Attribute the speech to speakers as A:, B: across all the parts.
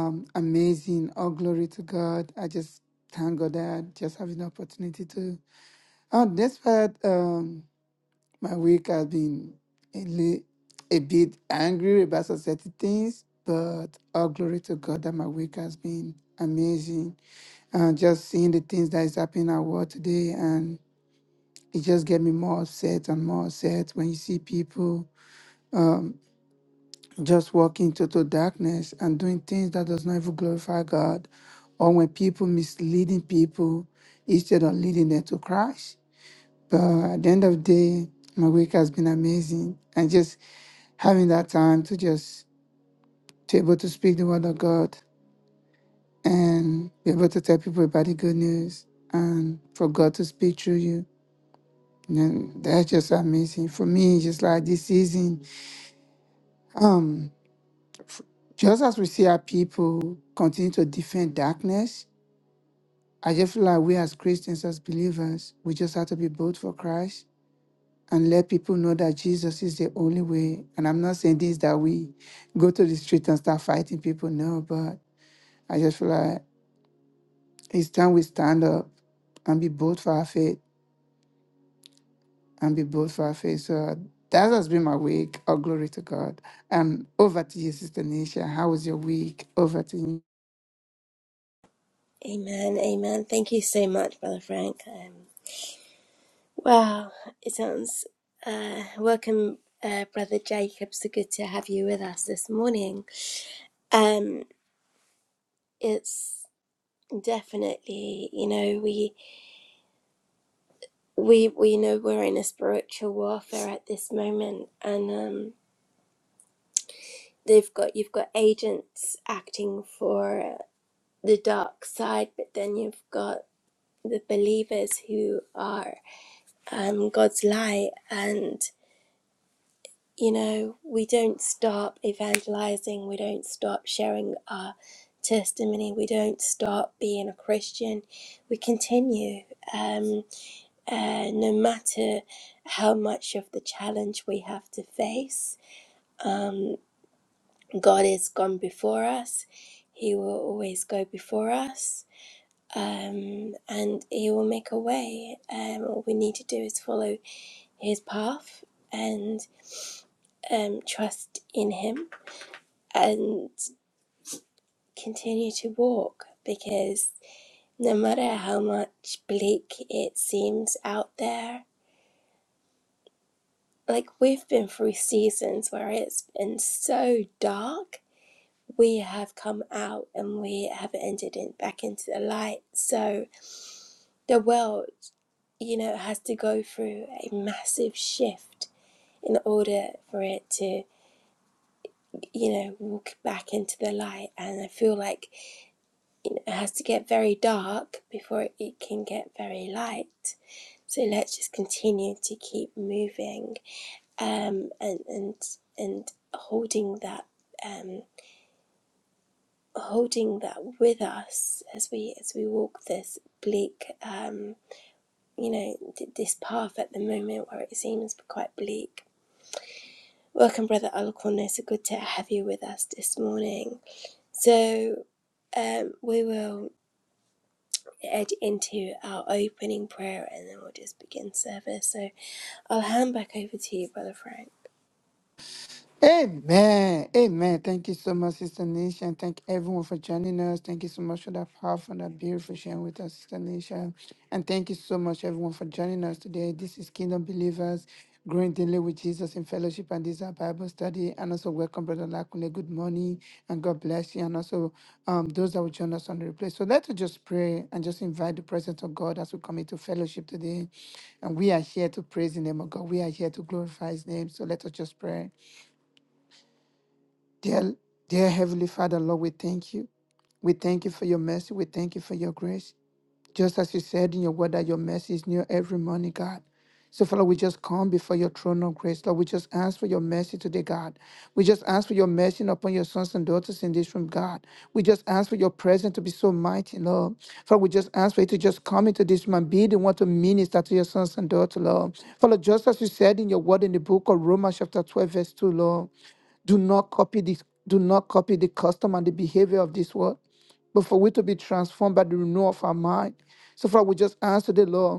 A: Um, amazing. All glory to God. I just thank God that I just having the opportunity to. Oh, despite um, my week has been a, li- a bit angry about certain things, but all glory to God that my week has been amazing. And just seeing the things that is happening at work today, and it just get me more upset and more upset when you see people. just walking into total darkness and doing things that does not even glorify God, or when people misleading people instead of leading them to Christ. But at the end of the day, my week has been amazing, and just having that time to just to able to speak the word of God and be able to tell people about the good news and for God to speak through you. And that's just amazing for me. Just like this season, um, Just as we see our people continue to defend darkness, I just feel like we as Christians, as believers, we just have to be bold for Christ and let people know that Jesus is the only way. And I'm not saying this that we go to the street and start fighting people, no, but I just feel like it's time we stand up and be bold for our faith and be bold for our faith. So that has been my week. All glory to God. Um, over to you, Sister Nisha. How was your week? Over to you.
B: Amen, amen. Thank you so much, Brother Frank. Um, wow, it sounds. Uh, welcome, uh, Brother Jacob. So good to have you with us this morning. Um, it's definitely, you know, we we we know we're in a spiritual warfare at this moment, and um, they've got you've got agents acting for the dark side, but then you've got the believers who are um, God's light and you know, we don't stop evangelizing, we don't stop sharing our testimony, we don't stop being a Christian. We continue, um, uh, no matter how much of the challenge we have to face. Um, God has gone before us, He will always go before us. Um, and he will make a way. Um, all we need to do is follow his path and um, trust in him and. continue to walk because no matter how much bleak it seems out there, like we've been through seasons where it's been so dark, we have come out and we have entered in, back into the light. So the world, you know, has to go through a massive shift in order for it to, you know, walk back into the light. And I feel like it has to get very dark before it can get very light. So let's just continue to keep moving um, and and and holding that um, holding that with us as we as we walk this bleak um, you know th- this path at the moment where it seems quite bleak. Welcome, brother Alcorn. so good to have you with us this morning. So um, we will head into our opening prayer and then we'll just begin service. So I'll hand back over to you, brother Frank.
A: Amen. Amen. Thank you so much, Sister Nisha. And thank everyone for joining us. Thank you so much for that powerful and that beautiful sharing with us, Sister Nisha. And thank you so much, everyone, for joining us today. This is Kingdom Believers, growing daily with Jesus in fellowship. And this is our Bible study. And also, welcome, Brother Lakune. Good morning. And God bless you. And also, um, those that will join us on the replay. So let us just pray and just invite the presence of God as we come into fellowship today. And we are here to praise the name of God. We are here to glorify his name. So let us just pray. Dear, dear Heavenly Father, Lord, we thank you. We thank you for your mercy. We thank you for your grace. Just as you said in your word that your mercy is new every morning, God. So, Father, we just come before your throne of grace. Lord, we just ask for your mercy today, God. We just ask for your mercy upon your sons and daughters in this room, God. We just ask for your presence to be so mighty, Lord. Father, we just ask for you to just come into this room and be the one to minister to your sons and daughters, Lord. Father, just as you said in your word in the book of Romans, chapter 12, verse 2, Lord. Do not copy this. Do not copy the custom and the behavior of this world, but for we to be transformed by the renewal of our mind. So, Father, we just answer the Lord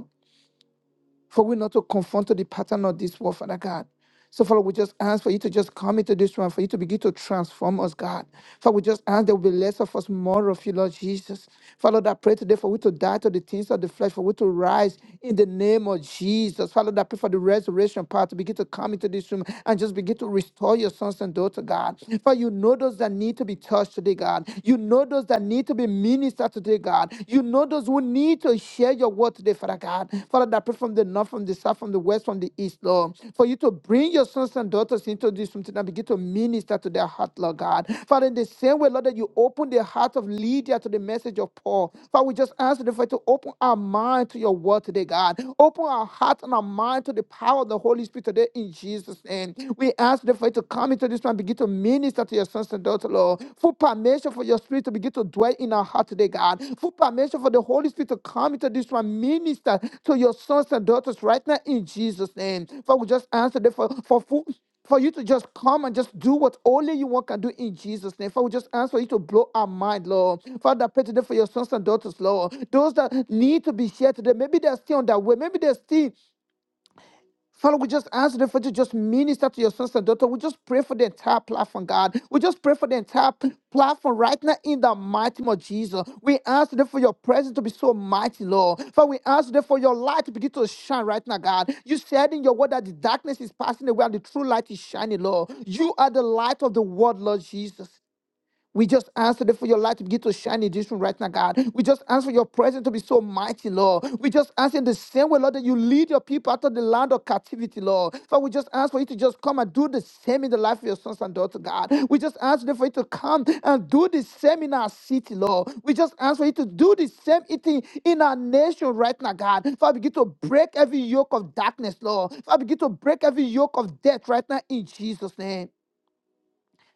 A: for we not to conform to the pattern of this world, Father God. So, Father, we just ask for you to just come into this room, for you to begin to transform us, God. Father, we just ask there will be less of us, more of you, Lord Jesus. Father, that pray today for we to die to the things of the flesh, for we to rise in the name of Jesus. Father, that pray for the resurrection power to begin to come into this room and just begin to restore your sons and daughters, God. For you know those that need to be touched today, God. You know those that need to be ministered minister today, God. You know those who need to share your word today, Father God. Father, that I pray from the north, from the south, from the west, from the east, Lord. For you to bring your sons and daughters into this room tonight, begin to minister to their heart, Lord God. Father, in the same way, Lord, that you open the heart of Lydia to the message of Paul. Father, we just ask the Father to open our mind to your word today, God. Open our heart and our mind to the power of the Holy Spirit today in Jesus' name. We ask the Father to come into this room this time, begin to minister to your sons and daughters, Lord. Full permission for your spirit to begin to dwell in our heart today, God. Full permission for the Holy Spirit to come into this one, minister to your sons and daughters right now in Jesus' name. Father, we just answer that for, for full for you to just come and just do what only you want can do in Jesus' name. Father, we just ask for you to blow our mind, Lord. Father, I pray today for your sons and daughters, Lord. Those that need to be shared today, maybe they're still on their way. Maybe they're still Father, we just ask the to just minister to your sons and daughters. We just pray for the entire platform, God. We just pray for the entire p- platform right now in the mighty name of Jesus. We ask them for your presence to be so mighty, Lord. For we ask them for your light to begin to shine right now, God. You said in your word that the darkness is passing away and the true light is shining, Lord. You are the light of the world, Lord Jesus. We just ask today for your light to begin to shine in this room right now, God. We just ask for your presence to be so mighty, Lord. We just ask in the same way, Lord, that you lead your people out of the land of captivity, Lord. Father, we just ask for you to just come and do the same in the life of your sons and daughters, God. We just ask today for you to come and do the same in our city, Lord. We just ask for you to do the same thing in our nation right now, God. Father, begin to break every yoke of darkness, Lord. Father, begin to break every yoke of death right now in Jesus' name.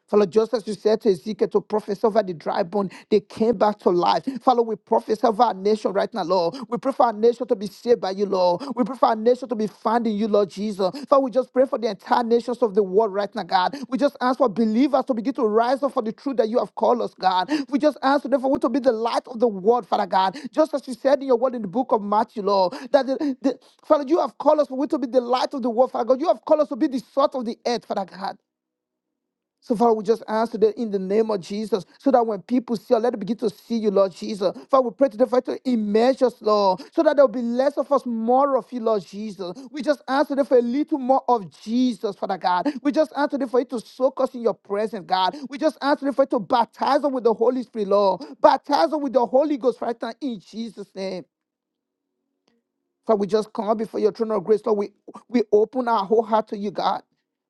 A: Father, just as you said to Ezekiel to prophesy over the dry bone, they came back to life. Father, we prophesy over our nation right now, Lord. We pray for our nation to be saved by you, Lord. We pray for our nation to be found in you, Lord Jesus. Father, we just pray for the entire nations of the world right now, God. We just ask for believers to begin to rise up for the truth that you have called us, God. We just ask, therefore, we to be the light of the world, Father God. Just as you said in your word in the book of Matthew, Lord, that the, the- Father, you have called us for we to be the light of the world, Father God. You have called us to be the salt of the earth, Father God. So, Father, we just ask today in the name of Jesus, so that when people see us, let them begin to see you, Lord Jesus. Father, we pray today for you to immerse us, Lord, so that there will be less of us, more of you, Lord Jesus. We just ask today for a little more of Jesus, Father God. We just ask today for you to soak us in your presence, God. We just ask today for you to baptize us with the Holy Spirit, Lord. Baptize us with the Holy Ghost right now in Jesus' name. Father, we just come before your throne of grace, Lord. We, we open our whole heart to you, God.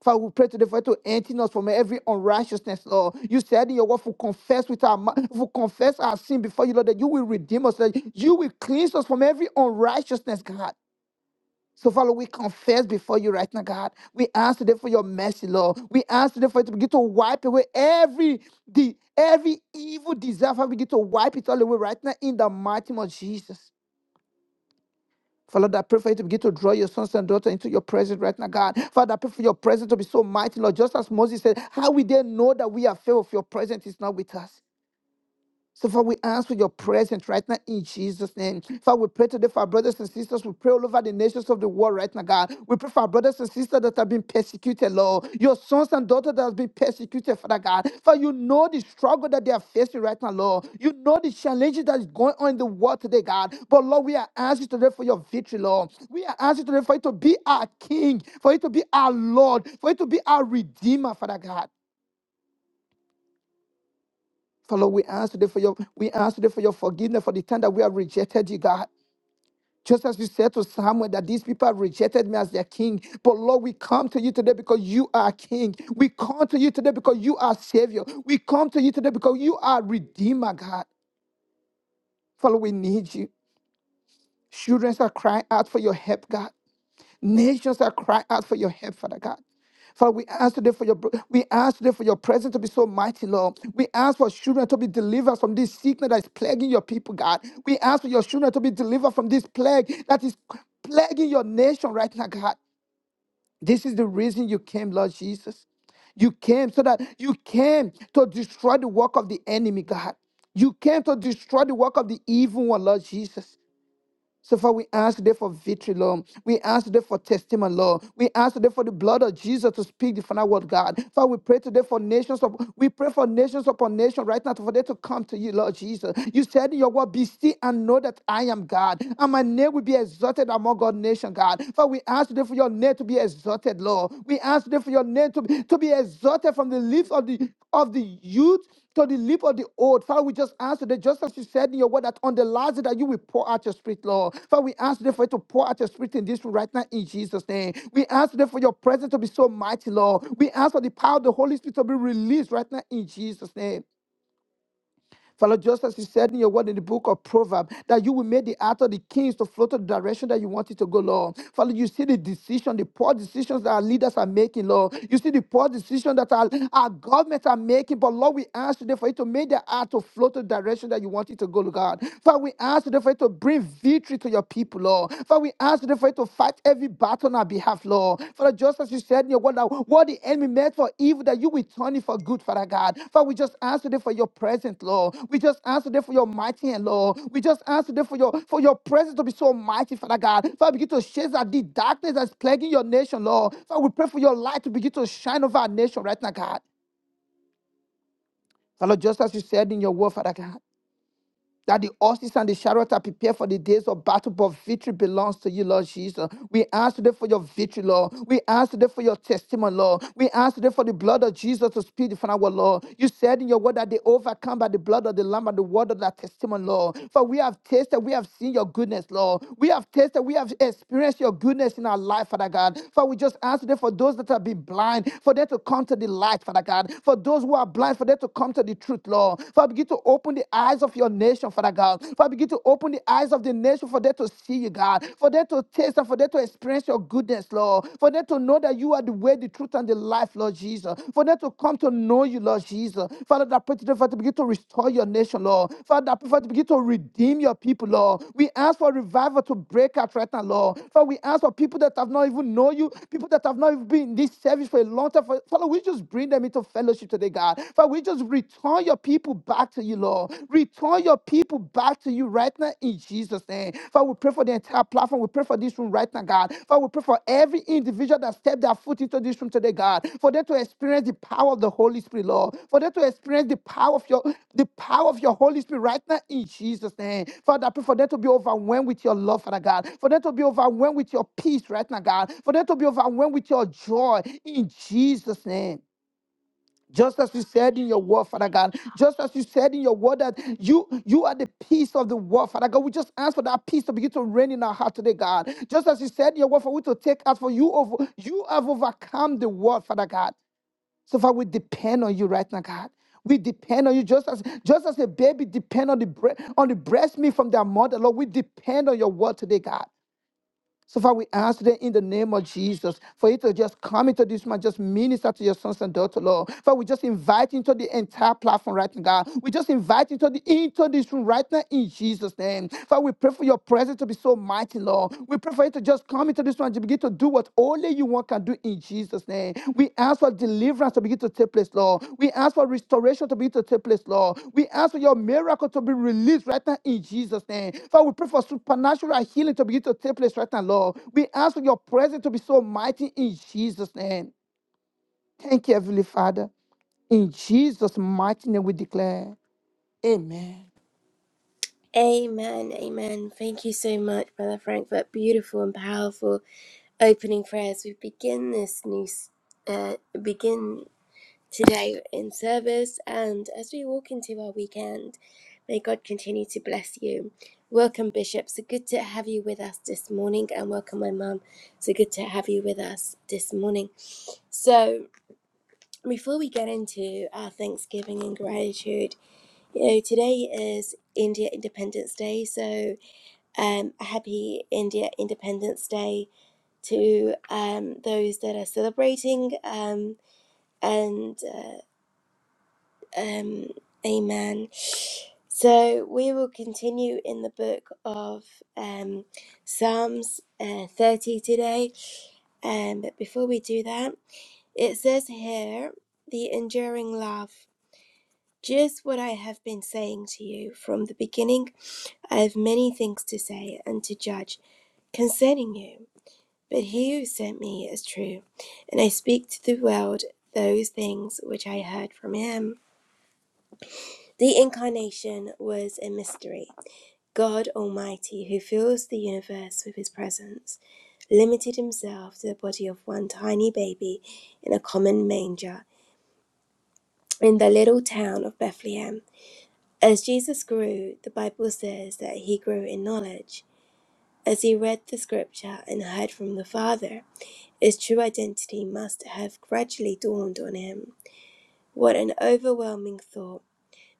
A: Father, we pray today for you to empty us from every unrighteousness, Lord. You said in your word, if we confess with our mouth, if we confess our sin before you, Lord, that you will redeem us, that you will cleanse us from every unrighteousness, God. So, Father, we confess before you right now, God. We ask today for your mercy, Lord. We ask today for you to begin to wipe away every the every evil desire. Father, begin to wipe it all away right now in the mighty name of Jesus. Father, I pray for you to begin to draw your sons and daughters into your presence right now, God. Father, I pray for your presence to be so mighty, Lord. Just as Moses said, how will they know that we are filled of your presence is not with us? So, Father, we ask for your presence right now in Jesus' name. Father, we pray today for our brothers and sisters. We pray all over the nations of the world right now, God. We pray for our brothers and sisters that have been persecuted, Lord. Your sons and daughters that have been persecuted, Father God. For you know the struggle that they are facing right now, Lord. You know the challenges that is going on in the world today, God. But, Lord, we are asking today for your victory, Lord. We are asking today for you to be our King, for you to be our Lord, for you to be our Redeemer, Father God. Father, we ask today for your we ask today for your forgiveness for the time that we have rejected you, God. Just as you said to Samuel that these people have rejected me as their king. But Lord, we come to you today because you are king. We come to you today because you are savior. We come to you today because you are redeemer, God. Father, we need you. Children are crying out for your help, God. Nations that cry out for your help, Father God. Father, we ask today for your we ask today for your presence to be so mighty, Lord. We ask for children to be delivered from this sickness that is plaguing your people, God. We ask for your children to be delivered from this plague that is plaguing your nation right now, God. This is the reason you came, Lord Jesus. You came so that you came to destroy the work of the enemy, God. You came to destroy the work of the evil one, Lord Jesus. So far, we ask today for victory, Lord. We ask today for testimony, Lord. We ask today for the blood of Jesus to speak the final word, God. Father, we pray today for nations of we pray for nations upon nation right now for them to come to you, Lord Jesus. You said in your word, be still and know that I am God, and my name will be exalted among God nation, God. Father, we ask today for your name to be exalted, Lord. We ask today for your name to be, to be exalted from the lips of the of the youth to the lip of the old. Father, we just ask today, just as you said in your word, that on the last day that you will pour out your spirit, Lord. Father, we ask today for you to pour out your spirit in this room right now in Jesus' name. We ask today for your presence to be so mighty, Lord. We ask for the power of the Holy Spirit to be released right now in Jesus' name. Father, just as you said in your word in the book of Proverbs, that you will make the heart of the kings to flow to the direction that you want it to go, Lord. Father, you see the decision, the poor decisions that our leaders are making, Lord. You see the poor decision that our, our governments are making. But Lord, we ask today for you to make the heart to flow to the direction that you want it to go, Lord God. Father, we ask today for you to bring victory to your people, Lord. Father, we ask today for for you to fight every battle on our behalf, Lord. Father, just as you said in your word, that what the enemy meant for evil, that you will turn it for good, Father God. Father, we just ask today for your presence, Lord. We just ask today for your mighty hand, Lord. We just ask today for your for your presence to be so mighty, Father God. Father, begin to chase out the darkness that's plaguing your nation, Lord. Father, we pray for your light to begin to shine over our nation right now, God. Father, just as you said in your word, Father God that the horses and the chariots are prepared for the days of battle, but victory belongs to you, Lord Jesus. We ask today for your victory, Lord. We ask today for your testimony, Lord. We ask today for the blood of Jesus to speak from our Lord. You said in your word that they overcome by the blood of the Lamb and the word of that testimony, Lord. For we have tasted, we have seen your goodness, Lord. We have tasted, we have experienced your goodness in our life, Father God. For we just ask today for those that have been blind, for them to come to the light, Father God. For those who are blind, for them to come to the truth, Lord. For Father, begin to open the eyes of your nation, Father God. Father, begin to open the eyes of the nation for them to see you, God. For them to taste and for them to experience your goodness, Lord. For them to know that you are the way, the truth, and the life, Lord Jesus. For them to come to know you, Lord Jesus. Father, that pray today, Father, begin to restore your nation, Lord. Father, I pray, Father, begin to redeem your people, Lord. We ask for revival to break out right now, Lord. For we ask for people that have not even known you, people that have not even been in this service for a long time. For- Father, we just bring them into fellowship today, God. Father, we just return your people back to you, Lord. Return your people back to you right now in Jesus' name. Father, we pray for the entire platform. We pray for this room right now, God. Father, we pray for every individual that stepped their foot into this room today, God. For them to experience the power of the Holy Spirit, Lord. For them to experience the power of your the power of your Holy Spirit right now in Jesus' name. Father, I pray for them to be overwhelmed with your love, Father God. For them to be overwhelmed with your peace right now, God. For them to be overwhelmed with your joy in Jesus' name. Just as you said in your word, Father God, just as you said in your word that you you are the peace of the world, Father God. We just ask for that peace to begin to reign in our heart today, God. Just as you said in your word, for we to take out for you over you have overcome the world, Father God. So far, we depend on you right now, God. We depend on you just as just as a baby depend on the bre- on the breast milk from their mother, Lord. We depend on your word today, God. So, Father, we ask today in the name of Jesus for you to just come into this man, just minister to your sons and daughters, Lord. Father, we just invite you into the entire platform right now, God. We just invite you into, the, into this room right now in Jesus' name. Father, we pray for your presence to be so mighty, Lord. We pray for you to just come into this one to begin to do what only you one can do in Jesus' name. We ask for deliverance to begin to take place, Lord. We ask for restoration to begin to take place, Lord. We ask for your miracle to be released right now in Jesus' name. Father, we pray for supernatural healing to begin to take place right now, Lord. We ask for your presence to be so mighty in Jesus' name. Thank you, Heavenly Father. In Jesus' mighty name we declare. Amen.
B: Amen, amen. Thank you so much, Brother Frank, for that beautiful and powerful opening prayer as we begin this new, s- uh, begin today in service and as we walk into our weekend. May God continue to bless you. Welcome, Bishop. So good to have you with us this morning, and welcome, my mum. So good to have you with us this morning. So, before we get into our Thanksgiving and gratitude, you know, today is India Independence Day, so um, a happy India Independence Day to um, those that are celebrating, um, and uh, um, Amen. So we will continue in the book of um, Psalms uh, 30 today. Um, but before we do that, it says here the enduring love. Just what I have been saying to you from the beginning, I have many things to say and to judge concerning you But he who sent me is true, and I speak to the world those things which I heard from him. The incarnation was a mystery. God Almighty, who fills the universe with his presence, limited himself to the body of one tiny baby in a common manger in the little town of Bethlehem. As Jesus grew, the Bible says that he grew in knowledge. As he read the scripture and heard from the Father, his true identity must have gradually dawned on him. What an overwhelming thought.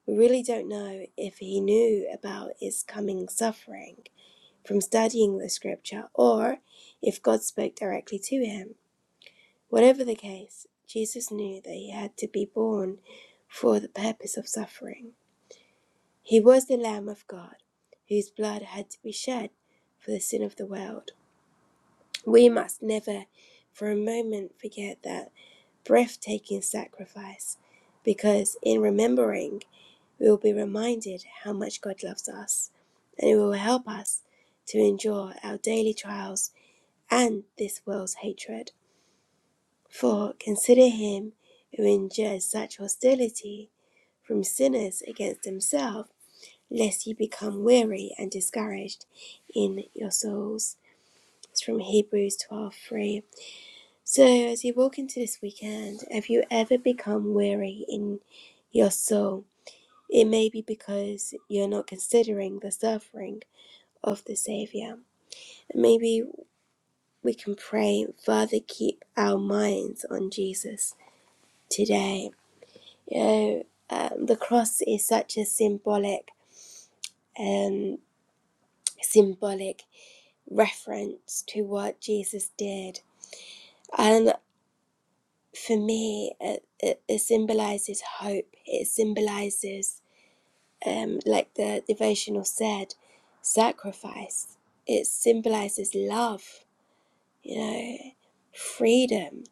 B: We really don't know if he knew about his coming suffering from studying the scripture or if God spoke directly to him. Whatever the case, Jesus knew that he had to be born for the purpose of suffering. He was the Lamb of God whose blood had to be shed for the sin of the world. We must never for a moment forget that breathtaking sacrifice because in remembering, we will be reminded how much God loves us, and it will help us to endure our daily trials and this world's hatred. For consider him who endures such hostility from sinners against himself, lest you become weary and discouraged in your souls. It's from Hebrews 12:3. So, as you walk into this weekend, have you ever become weary in your soul? It may be because you're not considering the suffering of the Saviour. Maybe we can pray, Father, keep our minds on Jesus today. You know, um, the cross is such a symbolic, um, symbolic reference to what Jesus did, and for me, it, it, it symbolizes hope. It symbolizes um, like the devotional said, sacrifice. It symbolizes love, you know, freedom.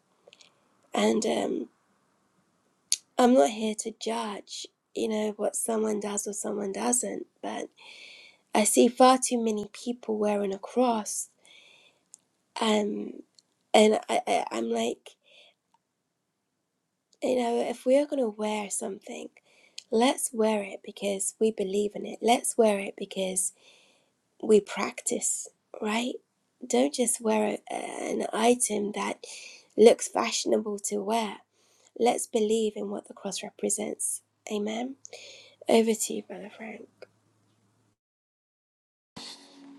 B: And um, I'm not here to judge, you know, what someone does or someone doesn't, but I see far too many people wearing a cross. Um, and I, I, I'm like, you know, if we are going to wear something, let's wear it because we believe in it. Let's wear it because we practice, right? Don't just wear a, an item that looks fashionable to wear. Let's believe in what the cross represents. Amen. Over to you, Brother Frank.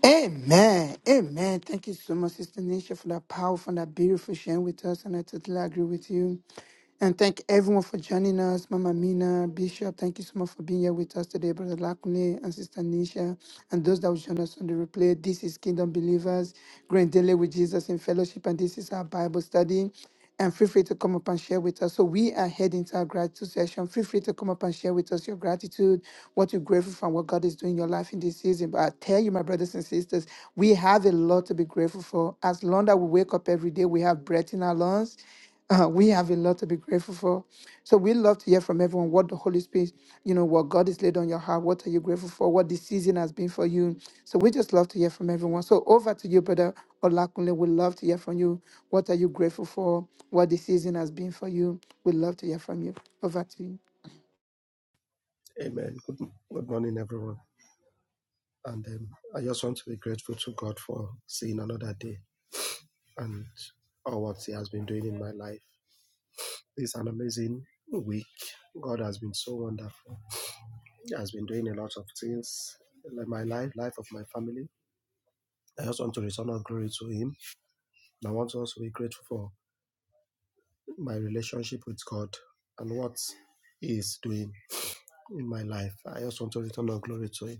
A: Amen. Amen. Thank you so much, Sister Nisha, for that powerful and that beautiful sharing with us. And I totally agree with you. And thank everyone for joining us. Mama Mina, Bishop, thank you so much for being here with us today, Brother Lakune and Sister Nisha, and those that will join us on the replay. This is Kingdom Believers, growing daily with Jesus in fellowship, and this is our Bible study and feel free to come up and share with us. So we are heading to our gratitude session. Feel free to come up and share with us your gratitude, what you're grateful for, and what God is doing in your life in this season. But I tell you, my brothers and sisters, we have a lot to be grateful for. As long as we wake up every day, we have breath in our lungs. Uh, we have a lot to be grateful for. So we love to hear from everyone what the Holy Spirit, you know, what God has laid on your heart. What are you grateful for? What this season has been for you. So we just love to hear from everyone. So over to you, brother Olakunle. We love to hear from you. What are you grateful for? What this season has been for you? We love to hear from you. Over to you.
C: Amen. Good, good morning, everyone. And um, I just want to be grateful to God for seeing another day and all what He has been doing in my life. It's an amazing week. God has been so wonderful. He has been doing a lot of things in my life, life of my family. I just want to return all glory to Him. And I want to also be grateful for my relationship with God and what He is doing in my life. I just want to return all glory to Him.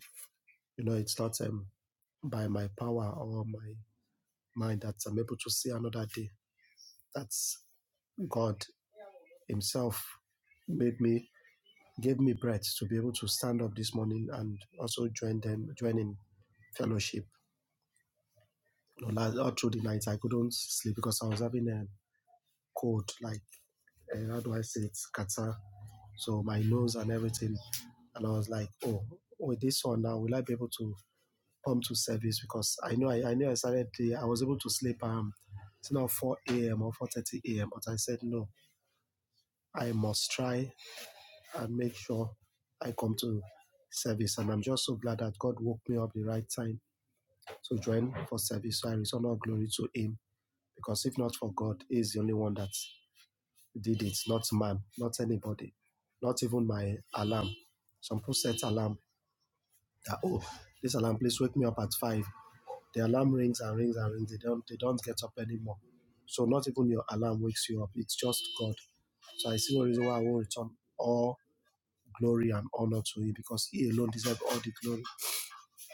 C: You know, it's not um, by my power or my mind that I'm able to see another day. That's God Himself made me gave me breath to be able to stand up this morning and also join them join in fellowship. You know, all through the night I couldn't sleep because I was having a cold, like uh, how do I say it, Qatar. So my nose and everything, and I was like, oh, with this one now, will I be able to come to service? Because I know I, I knew I started the, I was able to sleep um, it's now 4 a.m. or 4:30 a.m. But I said no, I must try and make sure I come to service. And I'm just so glad that God woke me up the right time to join for service. So I return all glory to Him because if not for God, He is the only one that did it, not man, not anybody, not even my alarm. Some people set alarm that oh, this alarm please wake me up at five. The alarm rings and rings and rings. They don't they don't get up anymore. So not even your alarm wakes you up. It's just God. So I see no reason why I won't return all glory and honor to Him because He alone deserves all the glory.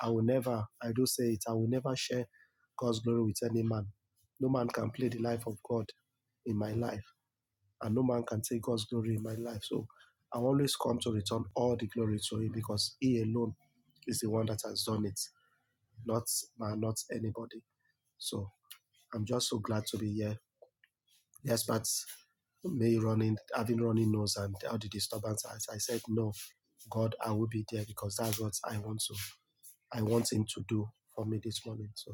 C: I will never, I do say it, I will never share God's glory with any man. No man can play the life of God in my life, and no man can take God's glory in my life. So I always come to return all the glory to Him because He alone is the one that has done it, not man, not anybody. So I'm just so glad to be here. Yes, but me running, having running nose and all the disturbance, as I said, no, God, I will be there because that's what I want to I want Him to do for me this morning. So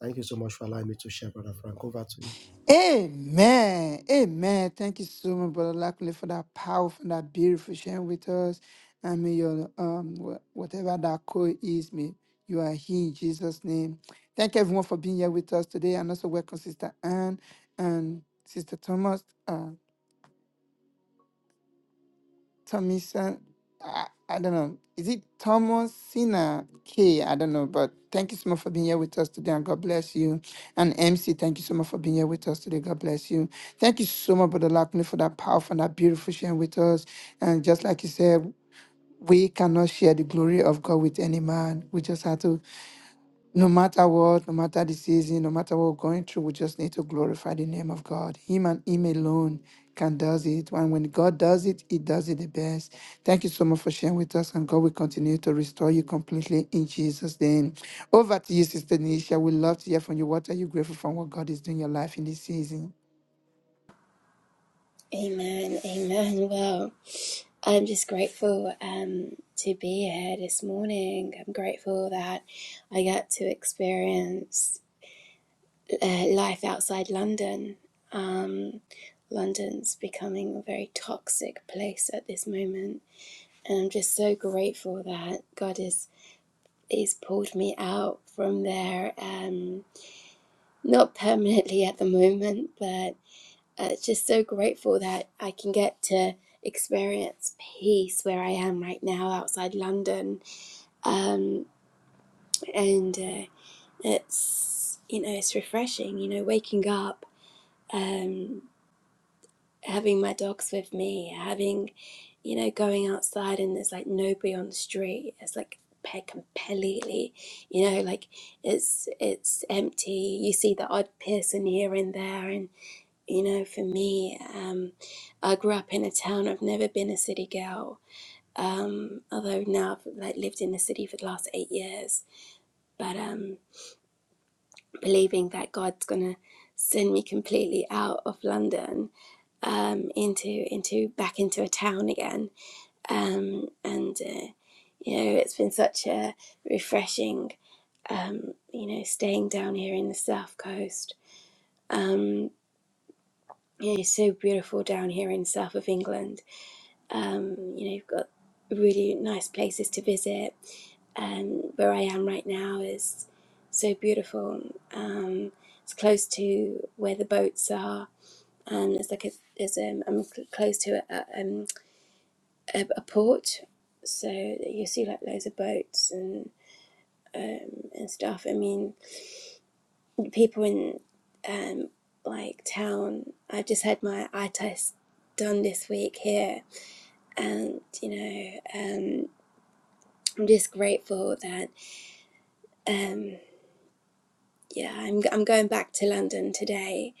C: thank you so much for allowing me to share, Brother Frank. Over to you.
A: Amen. Amen. Thank you so much, Brother Lackley, for that powerful, that beautiful sharing with us. I mean, your um, wha- whatever that code is, may you are here in Jesus' name. Thank everyone for being here with us today, and also welcome Sister Anne and Sister Thomas. uh, Tomisa, I, I don't know. Is it Thomasina K? I don't know, but thank you so much for being here with us today and God bless you. And MC, thank you so much for being here with us today. God bless you. Thank you so much, Brother Lakuni, for that powerful and that beautiful sharing with us. And just like you said, we cannot share the glory of God with any man. We just have to no matter what, no matter the season, no matter what we're going through, we just need to glorify the name of God. Him and Him alone can does it. And when God does it, He does it the best. Thank you so much for sharing with us, and God will continue to restore you completely in Jesus' name. Over to you, Sister Nisha. We love to hear from you. What are you grateful for? What God is doing in your life in this season?
B: Amen. Amen. Well, I'm just grateful um, to be here this morning. I'm grateful that I got to experience uh, life outside London. Um, London's becoming a very toxic place at this moment And I'm just so grateful that God has He's pulled me out from there, um, not permanently at the moment, but uh, just so grateful that I can get to experience peace where I am right now outside London. Um, and uh, it's, you know, it's refreshing, you know, waking up, um, having my dogs with me, having you know, going outside and there's like nobody on the street. It's like pe- completely, you know, like it's it's empty. You see the odd person here and there, and you know, for me, um, I grew up in a town. I've never been a city girl. Um, although now I've like lived in the city for the last eight years, but um, believing that God's gonna send me completely out of London um, into into back into a town again um, and uh, you know it's been such a refreshing um, you know staying down here in the south coast um, you know so beautiful down here in south of england um, you know you've got really nice places to visit um, where i am right now is so beautiful um, it's close to where the boats are and it's like a, there's um, i'm cl- close to a, a, um, a, a port, so you see like loads of boats and um, and stuff. I mean, people in um, like town. I just had my eye test done this week here, and you know, um, I'm just grateful that um, yeah, I'm I'm going back to London today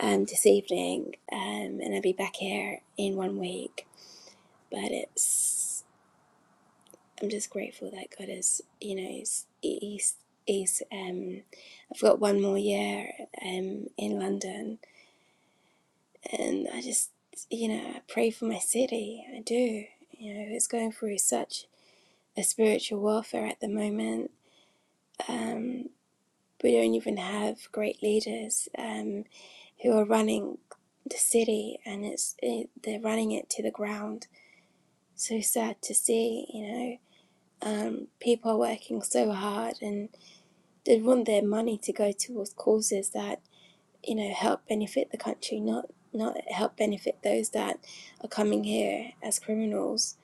B: um, this evening, um, and I'll be back here in one week. But it's I'm just grateful that God has, you know, he's, he's, he's um, I've got one more year um, in London, and I just, you know, I pray for my city. I do. You know, it's going through such a spiritual warfare at the moment. Um, we don't even have great leaders um, who are running the city, and it's it, they're running it to the ground. So sad to see, you know. Um, people are working so hard, and. they'd want their money to go towards causes that you know help benefit the country, not not help benefit those that are coming here as criminals.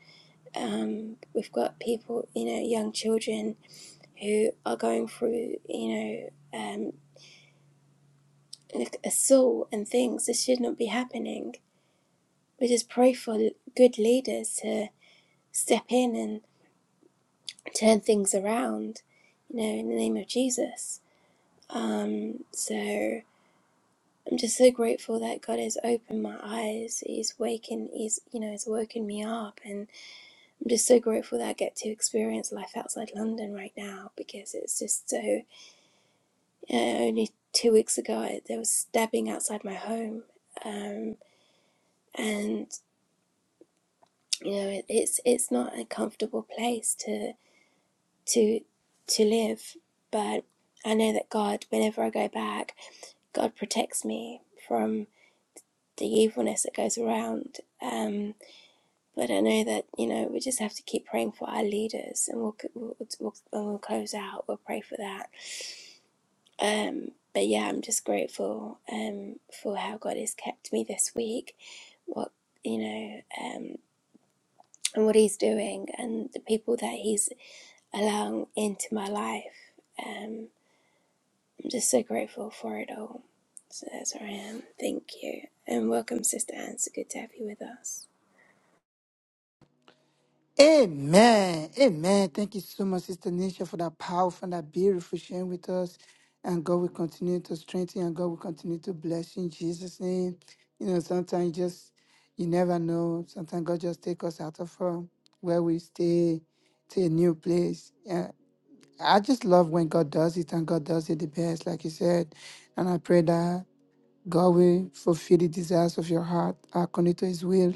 B: Um, we've got people, you know, young children who are going through, you know, um, like assault and things. This should not be happening. We just pray for good leaders to step in and turn things around, you know, in the name of Jesus. Um, so I'm just so grateful that God has opened my eyes. He's wakened. he's you know, he's woken me up, and I'm just so grateful that I get to experience life outside London right now because it's just so. Uh, only two weeks ago, there was stabbing outside my home, um, and you know, it, it's it's not a comfortable place to to to live, but I know that God, whenever I go back, God protects me from the evilness that goes around. Um, But I know that you know we just have to keep praying for our leaders, and we'll we'll, we'll, we'll close out. We'll pray for that. Um, but yeah, I'm just grateful um, for how God has kept me this week. What you know, um, and what He's doing, and the people that He's allowing into my life. Um, I'm just so grateful for it all. So that's where I am. Thank you, and welcome, Sister Anne. It's good to have you with us.
A: Amen. Amen. Thank you so much, Sister Nisha, for that powerful and that beautiful sharing with us. And God will continue to strengthen you and God will continue to bless you in Jesus' name. You know, sometimes you just you never know. Sometimes God just take us out of uh, where we stay to a new place. Yeah. I just love when God does it and God does it the best, like you said. And I pray that God will fulfill the desires of your heart according to his will.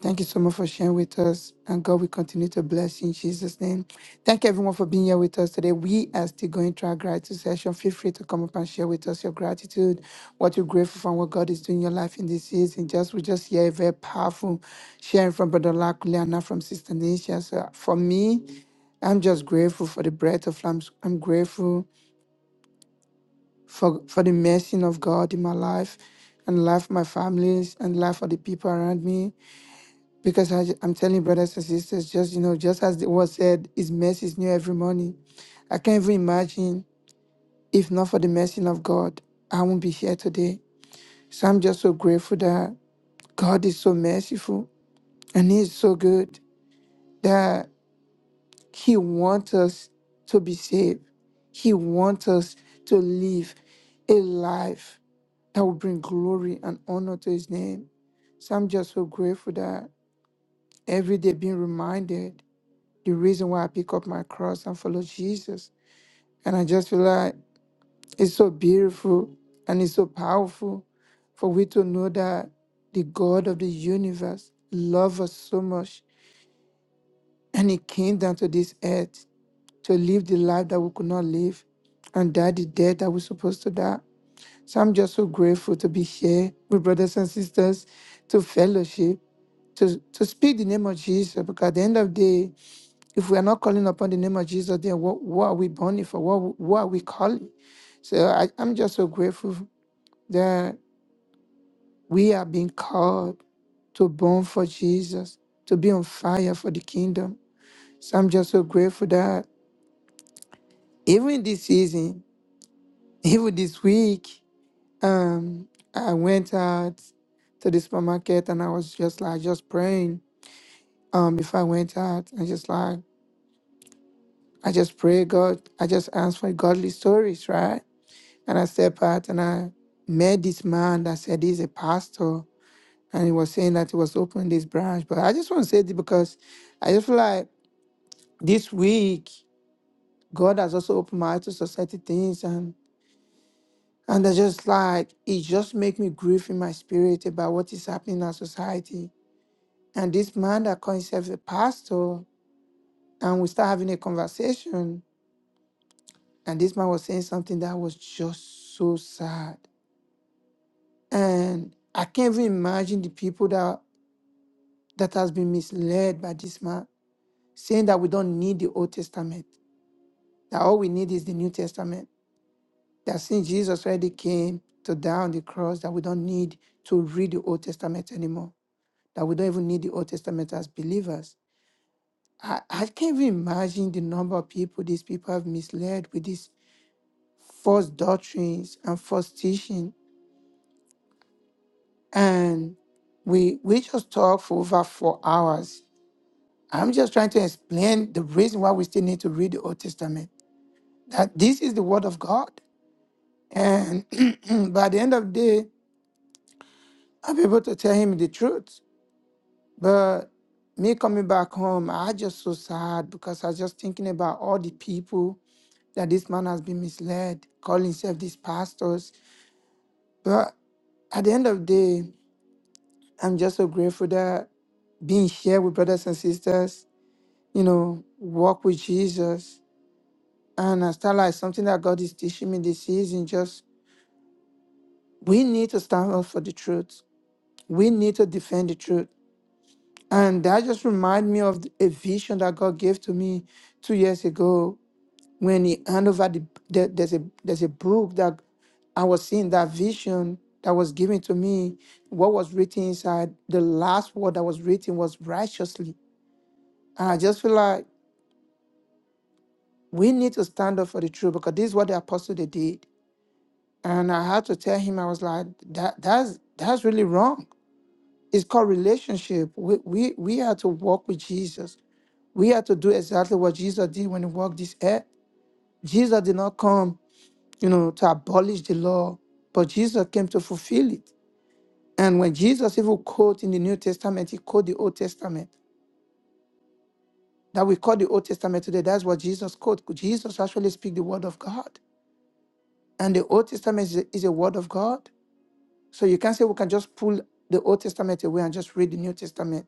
A: Thank you so much for sharing with us. And God will continue to bless you in Jesus' name. Thank you everyone for being here with us today. We are still going through our gratitude session. Feel free to come up and share with us your gratitude, what you're grateful for, and what God is doing in your life in this season. Just we just hear a very powerful sharing from Brother Lakule and now from Sister Nisha. So for me, I'm just grateful for the breath of life. I'm grateful for, for the mercy of God in my life and life of my families and life of the people around me. Because I, am telling you, brothers and sisters, just, you know, just as the word said, His mercy is new every morning. I can't even imagine if not for the mercy of God, I won't be here today. So I'm just so grateful that God is so merciful and He is so good that He wants us to be saved. He wants us to live a life. that will bring glory and honor to his name. So I'm just so grateful that every day being reminded the reason why I pick up my cross and follow Jesus. And I just feel like it's so beautiful and it's so powerful for we to know that the God of the universe loves us so much and he came down to this earth to live the life that we could not live and die the death that we're supposed to die. So I'm just so grateful to be here with brothers and sisters to fellowship. to, to speak the name of Jesus. Because at the end of the day, if we are not calling upon the name of Jesus, then what, what are we burning for? What, what are we calling? So I, I'm just so grateful that we are being called to burn for Jesus, to be on fire for the kingdom. So I'm just so grateful that even this season, even this week, um, I went out to the supermarket and I was just like just praying um before I went out and just like I just pray, God. I just ask for godly stories, right? And I step out and I met this man that said he's a pastor and he was saying that he was opening this branch. But I just want to say this because I just feel like this week, God has also opened my eyes to society things and and I just like it just make me grieve in my spirit about what is happening in our society. And this man that calls himself a pastor, and we start having a conversation, and this man was saying something that was just so sad. And I can't even imagine the people that that has been misled by this man, saying that we don't need the Old Testament, that all we need is the New Testament. That since Jesus already came to die on the cross, that we don't need to read the Old Testament anymore. That we don't even need the Old Testament as believers. I, I can't even imagine the number of people these people have misled with these false doctrines and false teaching. And we we just talked for over four hours I'm just trying to explain the reason why we still need to read the Old Testament. That this is the Word of God. And by the end of the day, I'm able to tell him the truth. But me coming back home, I just so sad because I was just thinking about all the people that this man has been misled, calling himself these pastors. But at the end of the day, I'm just so grateful that being here with brothers and sisters, you know, walk with Jesus And I start like something that God is teaching me this season. Just we need to stand up for the truth. We need to defend the truth. And that just remind me of a vision that God gave to me two years ago when He handed over the there- there's a there's a book that I was seeing that vision that was given to me. What was written inside the last word that was written was righteously. And I just feel like we need to stand up for the truth because this is what the apostle they did And I had to tell him, I was like, that that's that's really wrong. It's called relationship. We we we had to walk with Jesus. We had to do exactly what Jesus did when he walked this earth. Jesus did not come, you know, to abolish the law, but Jesus came to fulfill it. And when Jesus even quote in the New Testament, he quote the Old Testament. That we call the Old Testament today. That's what Jesus quote. Jesus actually speak the word of God. And the Old Testament is a, is a word of God. So you can't say we can just pull the Old Testament away and just read the New Testament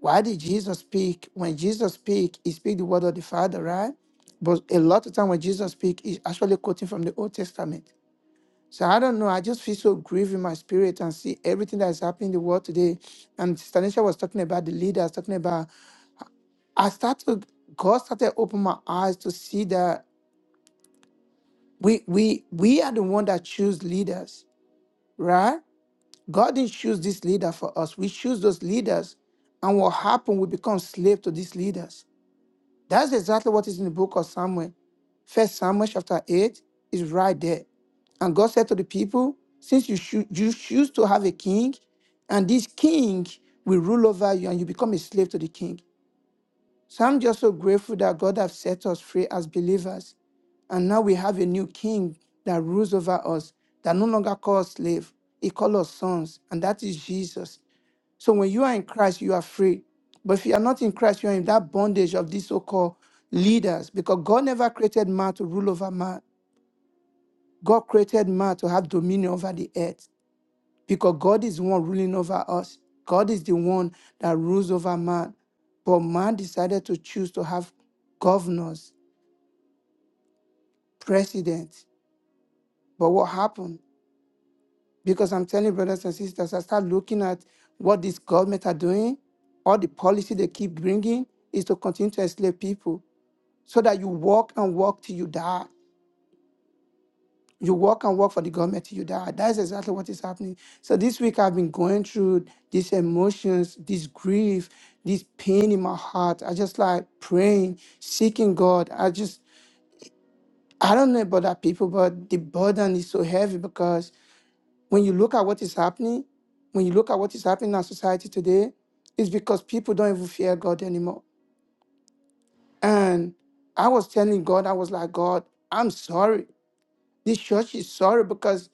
A: Why did Jesus speak? When Jesus speak, he speak the word of the Father, right? But a lot of time when Jesus speak, he's actually quoting from the Old Testament. So I don't know. I just feel so grieved in my spirit and see everything that is happening in the world today. And Stanisha was talking about the leaders, talking about I started God started open my eyes to see that we we we are the one that choose leaders, right? God didn't choose this leader for us. We choose those leaders. And what happened, we become slave to these leaders That's exactly what is in the book of Samuel. First Samuel chapter 8 is right there. And God said to the people, Since you, choo- you choose to have a king, and this king will rule over you, and you become a slave to the king. So I'm just so grateful that God has set us free as believers. And now we have a new king that rules over us, that no longer calls slave. He calls us sons, and that is Jesus. So when you are in Christ, you are free. But if you are not in Christ, you are in that bondage of these so-called leaders because God never created man to rule over man. God created man to have dominion over the earth because God is the one ruling over us. God is the one that rules over man. But man decided to choose to have governors, presidents. But what happened? Because I'm telling brothers and sisters, I start looking at what this government are doing, all the policy they keep bringing is to continue to enslave people. so that you walk and walk till you die. You work and work for the government till you die. That's exactly what is happening. So this week I've been going through these emotions, this grief, this pain in my heart. I just like praying, seeking God. I just I don't know about other people, but the burden is so heavy because when you look at what is happening, when you look at what is happening in our society today, it's because people don't even fear God anymore. And I was telling God, I was like, God, I'm sorry. This church is sorry because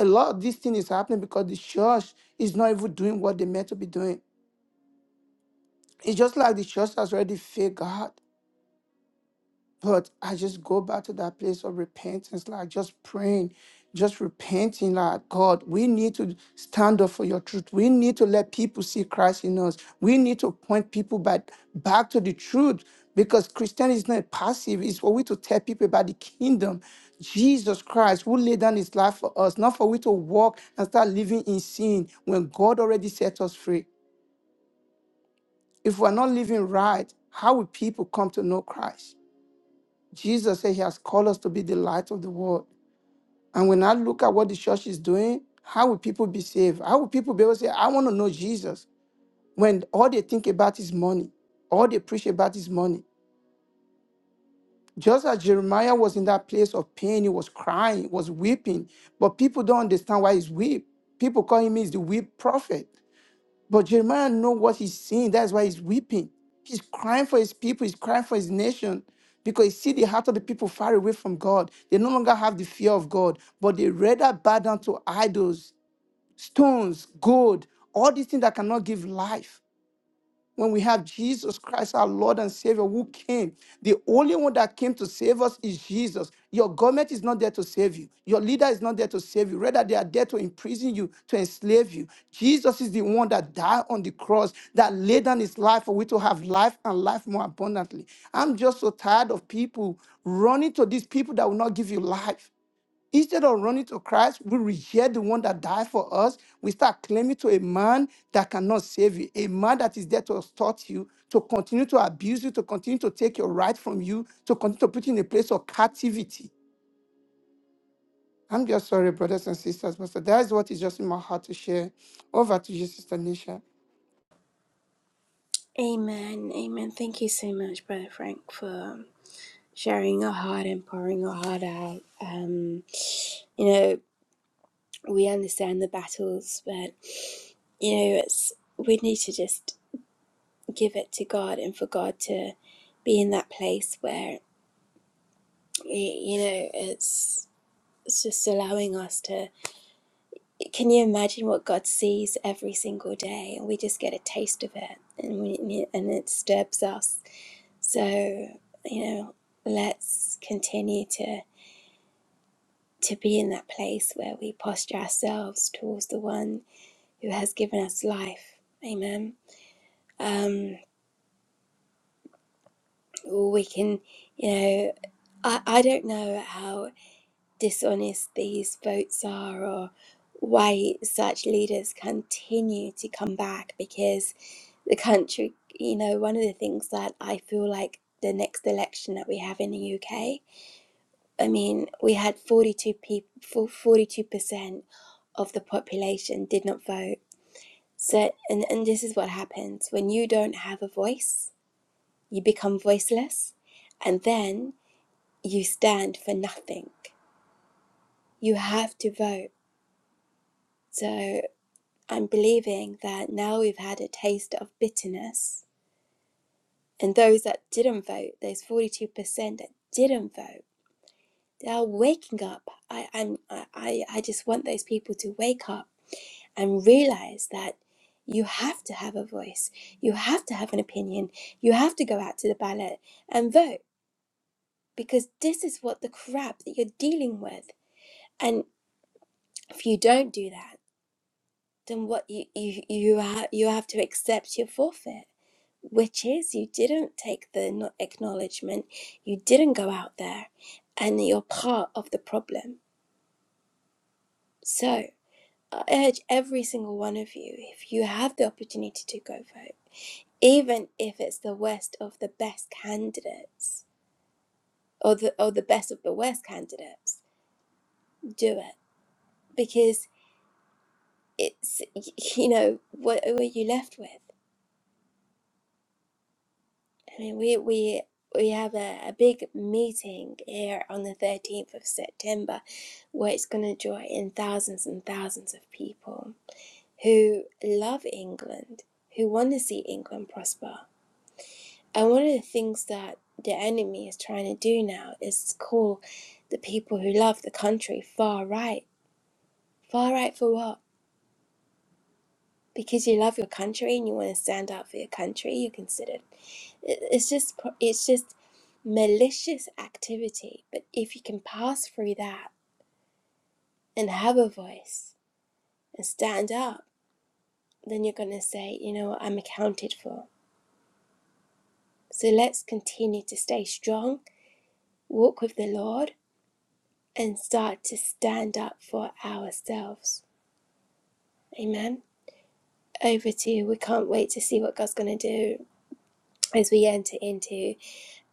A: a lot of this thing is happening because the church is not even doing what they meant to be doing. It's just like the church has already failed God. But I just go back to that place of repentance, like just praying, just repenting, like God, we need to stand up for your truth. We need to let people see Christ in us. We need to point people back, back to the truth because Christianity is not passive. It's for we to tell people about the kingdom. Jesus Christ, who laid down his life for us, not for we to walk and start living in sin when God already set us free. If we're not living right, how will people come to know Christ? Jesus said he has called us to be the light of the world. And when I look at what the church is doing, how will people be saved? How will people be able to say, I want to know Jesus when all they think about is money? All they preach about is money. Just as Jeremiah was in that place of pain, he was crying, he was weeping, but people don't understand why he's weep. People call him is the weep prophet. But Jeremiah know what he's seeing. That's why he's weeping. He's crying for his people. He's crying for his nation because he see the heart of the people far away from God. They no longer have the fear of God, but they rather bow down to idols, stones, gold, all these things that cannot give life when we have Jesus Christ, our Lord and Savior, who came. The only one that came to save us is Jesus. Your government is not there to save you. Your leader is not there to save you. Rather, they are there to imprison you, to enslave you. Jesus is the one that died on the cross, that laid down his life for we to have life and life more abundantly. I'm just so tired of people running to these people that will not give you life. Instead of running to Christ, we reject the one that died for us. We start claiming to a man that cannot save you, a man that is there to extort you, to continue to abuse you, to continue to take your right from you, to continue to put you in a place of captivity. I'm just sorry, brothers and sisters, but that is what is just in my heart to share. Over to you, Sister Nisha.
B: Amen. Amen. Thank you so much, Brother Frank, for sharing your heart and pouring your heart out. Um, you know, we understand the battles, but you know, it's we need to just give it to God and for God to be in that place where y- you know it's it's just allowing us to. Can you imagine what God sees every single day, and we just get a taste of it, and we, and it disturbs us. So you know, let's continue to. to be in that place where we posture ourselves towards the one who has given us life. Amen. Um, we can, you know, I, I don't know how dishonest these votes are or why such leaders continue to come back because the country, you know, one of the things that I feel like the next election that we have in the UK, I mean, we had 42 people, 42% of the population did not vote So, and, and this is what happens when you don't have a voice, you become voiceless, and then you stand for nothing. You have to vote. So, I'm believing that now we've had a taste of bitterness, and those that didn't vote, those 42% that didn't vote, they are waking up. I, I'm, I, I just want those people to wake up and realize that you have to have a voice, you have to have an opinion, you have to go out to the ballot and vote because this is what the crap that you're dealing with. And if you don't do that, then what you you you have you have to accept your forfeit, which is you didn't take the no- acknowledgement, you didn't go out there, and you're part of the problem. So I urge every single one of you, if you have the opportunity to go vote even if it's the worst of the best candidates or the or the best of the worst candidates do it because it's you know what, what are you left with i mean we we we have a, a big meeting here on the 13th of september where it's going to draw in thousands and thousands of people who love england who want to see england prosper And one of the things that the enemy is trying to do now is call the people who love the country far right. Far right for what? Because you love your country and you want to stand up for your country, you're considered. it- It's just pro- it's just malicious activity. But if you can pass through that and have a voice and stand up, then you're going to say, you know what, I'm accounted for. So let's continue to stay strong, walk with the Lord, and start to stand up for ourselves. Amen. Over to you. We can't wait to see what God's going to do as we enter into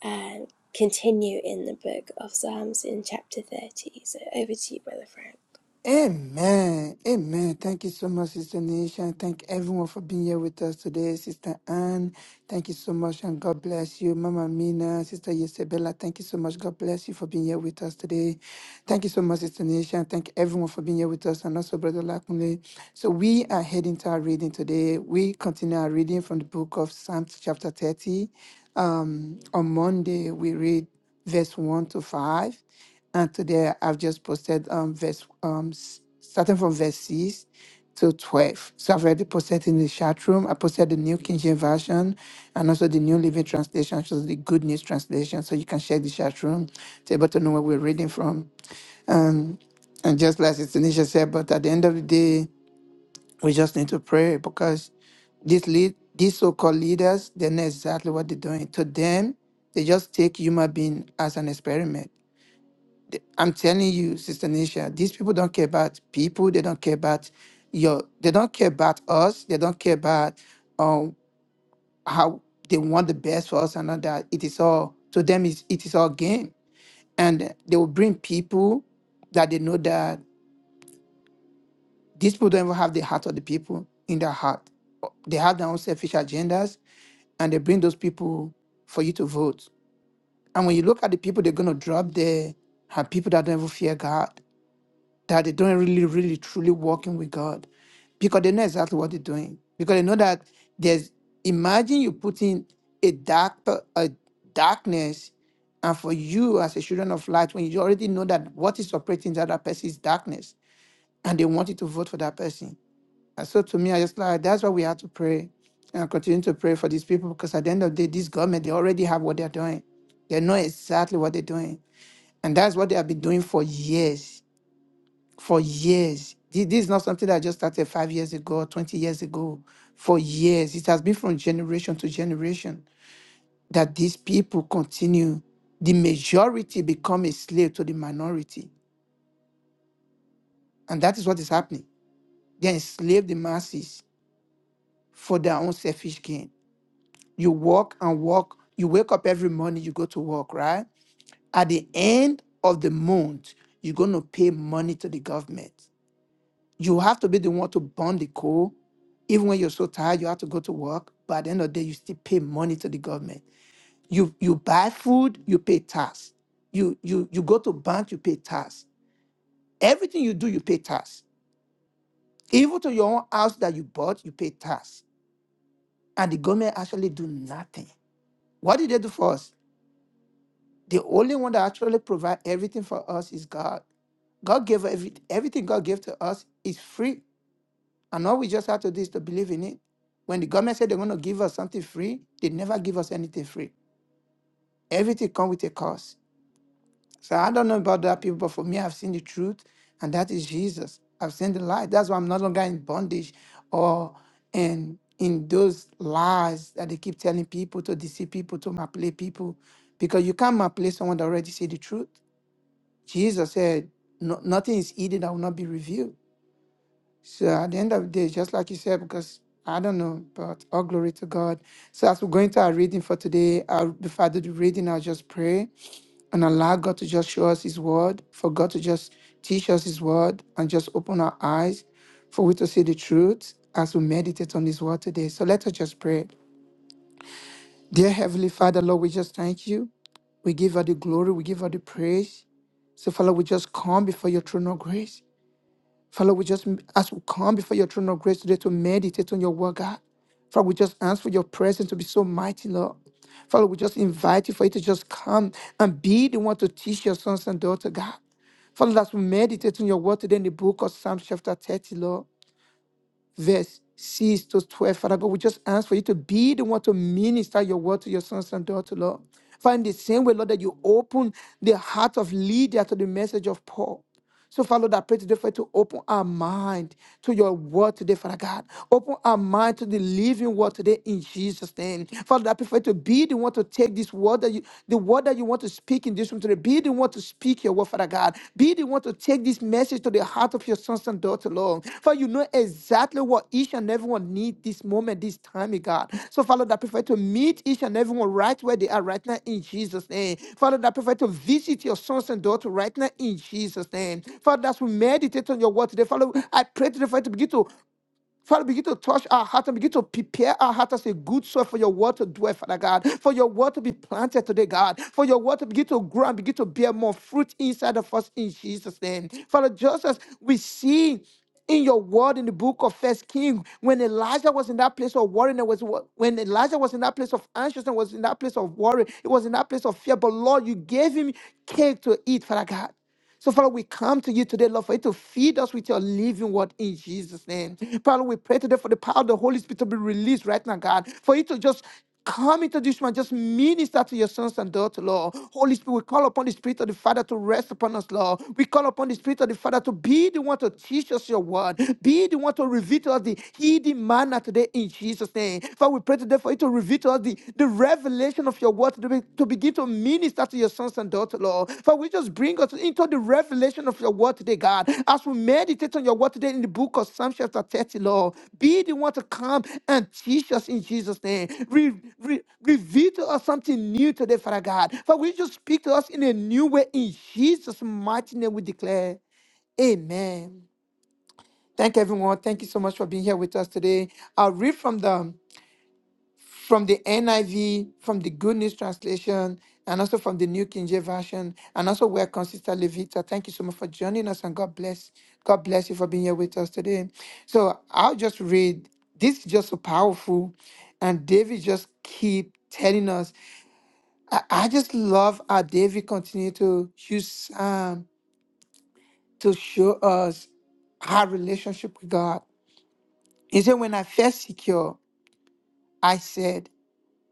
B: and um, continue in the book of Psalms in chapter 30. So over to you, Brother Frank.
A: Amen. Amen. Thank you so much, Sister Nation. Thank everyone for being here with us today. Sister Anne, thank you so much and God bless you. Mama Mina, Sister Yesabella, thank you so much. God bless you for being here with us today. Thank you so much, Sister Nation. Thank everyone for being here with us and also Brother Lakunle. So we are heading to our reading today. We continue our reading from the book of Psalms chapter 30. Um, on Monday, we read verse 1 to 5. And today I've just posted um, verse um, s- starting from verse 6 to 12. So I've already posted in the chat room. I posted the New King James Version and also the New Living Translation, which is the Good News Translation. So you can share the chat room to be able to know where we're reading from. Um, and just like Sister Nisha said, but at the end of the day, we just need to pray because these lead these so-called leaders, they know exactly what they're doing. To them, they just take human being as an experiment. I'm telling you, Sister Nisha, these people don't care about people. They don't care about your. They don't care about us. They don't care about um how they want the best for us and all that. It is all to them. Is it is all game, and they will bring people that they know that. These people don't even have the heart of the people in their heart. They have their own selfish agendas and they bring those people for you to vote. And when you look at the people they're going to drop there, are people that don't even fear God, that they don't really, really, truly walking with God because they know exactly what they're doing. Because they know that there's, imagine you putting a dark, pe- a darkness, and for you as a children of light, when you already know that what is operating in that other person is darkness, and they want you to vote for that person. And so to me, I just like that's why we have to pray and continue to pray for these people because at the end of the day, this government they already have what they're doing. They know exactly what they're doing. And that's what they have been doing for years. For years. Thi- This is not something that just started five years ago, 20 years ago. For years. It has been from generation to generation that these people continue. The majority become a slave to the minority. And that is what is happening. They enslave the masses for their own selfish gain You work and work. You wake up every morning, you go to work, right? At the end of the month, you're going to pay money to the government. You have to be the one to burn the coal. Even when you're so tired, you have to go to work. But at the end of the day, you still pay money to the government. You you buy food, you pay tax. You you you go to bank, you pay tax. Everything you do, you pay tax. Even to your own house that you bought, you pay tax. And the government actually do nothing. What did they do for us? The only one that actually provide everything for us is God. God gave every, everything God gave to us is free. And all we just have to do is to believe in it. When the government said they're going to give us something free, they never give us anything free. Everything comes with a cost. So I don't know about that people, but for me, I've seen the truth, and that is Jesus. I've seen the light. That's why I'm no longer in bondage or in in those lies that they keep telling people to deceive people, to manipulate people. Because you can't manipulate someone that already see the truth. Jesus said, no, nothing is hidden that will not be revealed. So at the end of the day, just like you said, because I don't know, but all glory to God. So as we go into our reading for today, I'll, before I do the reading, I'll just pray and allow God to just show us His word, for God to just teach us His word and just open our eyes for we to see the truth as we meditate on His word today. So let us just pray. Dear Heavenly Father, Lord, we just thank you. We give her the glory, we give her the praise. So, Father, we just come before your throne of grace. Father, we just as we come before your throne of grace today to meditate on your word, God. Father, we just ask for your presence to be so mighty, Lord. Father, we just invite you for you to just come and be the one to teach your sons and daughters, God. Father, as we meditate on your word today in the book of Psalm chapter 30, Lord verse 6 to 12. Father God, we just ask for you to be the one to minister your word to your sons and daughters, Lord. Find the same way, Lord, that you open the heart of Lydia to the message of Paul. So, Father, Lord, I pray today for you to open our mind to your word today, Father God. Open our mind to the living word today in Jesus' name. Father, I pray for you to be the one to take this word that you, the word that you want want to speak in this room today. Be the one to speak your word, Father God. Be the one to take this message to the heart of your sons and daughters, Lord. For you know exactly what each and everyone needs this moment, this time, eh, God. So, Father, that prefer to meet each and everyone right where they are right now in Jesus' name. Father, that prefer to visit your sons and daughters right now in Jesus' name. Father, as we meditate on your word today, Father, I pray today for you to begin to Father, begin to touch our heart and begin to prepare our heart as a good soil for your word to dwell, Father God, for your word to be planted today, God, for your word to begin to grow and begin to bear more fruit inside of us in Jesus' name. Father, just as we see in your word in the book of First King, when Elijah was in that place of worry, and it was when Elijah was in that place of anxiousness, was in that place of worry, it was in that place of fear. But Lord, you gave him cake to eat, Father God. So, Father, we come to you today, Lord, for you to feed us with your living word in Jesus' name. Father, we pray today for the power of the Holy Spirit to be released right now, God, for you to just come into this man, just minister to your sons and daughters, Lord. Holy Spirit, we call upon the Spirit of the Father to rest upon us, Lord. We call upon the Spirit of the Father to be the one to teach us your word, be the one to reveal to us the hidden manner today in Jesus' name. Father, we pray today for you to reveal to us the, the revelation of your word, to, be- to begin to minister to your sons and daughters, Lord. For we just bring us into the revelation of your word today, God. As we meditate on your word today in the book of Psalm chapter 30, Lord, be the one to come and teach us in Jesus' name. Re- re- reveal to us something new today, Father God. For we just speak to us in a new way in Jesus' mighty name we declare. Amen. Thank everyone. Thank you so much for being here with us today. I'll read from the from the NIV, from the Good News Translation, and also from the New King James Version, and also welcome Sister Levita. Thank you so much for joining us, and God bless. God bless you for being here with us today. So I'll just read. This is just so powerful, and David just keep telling us. I I just love how David continue to use Psalm to show us our relationship with God. He said, "When I felt secure, I said."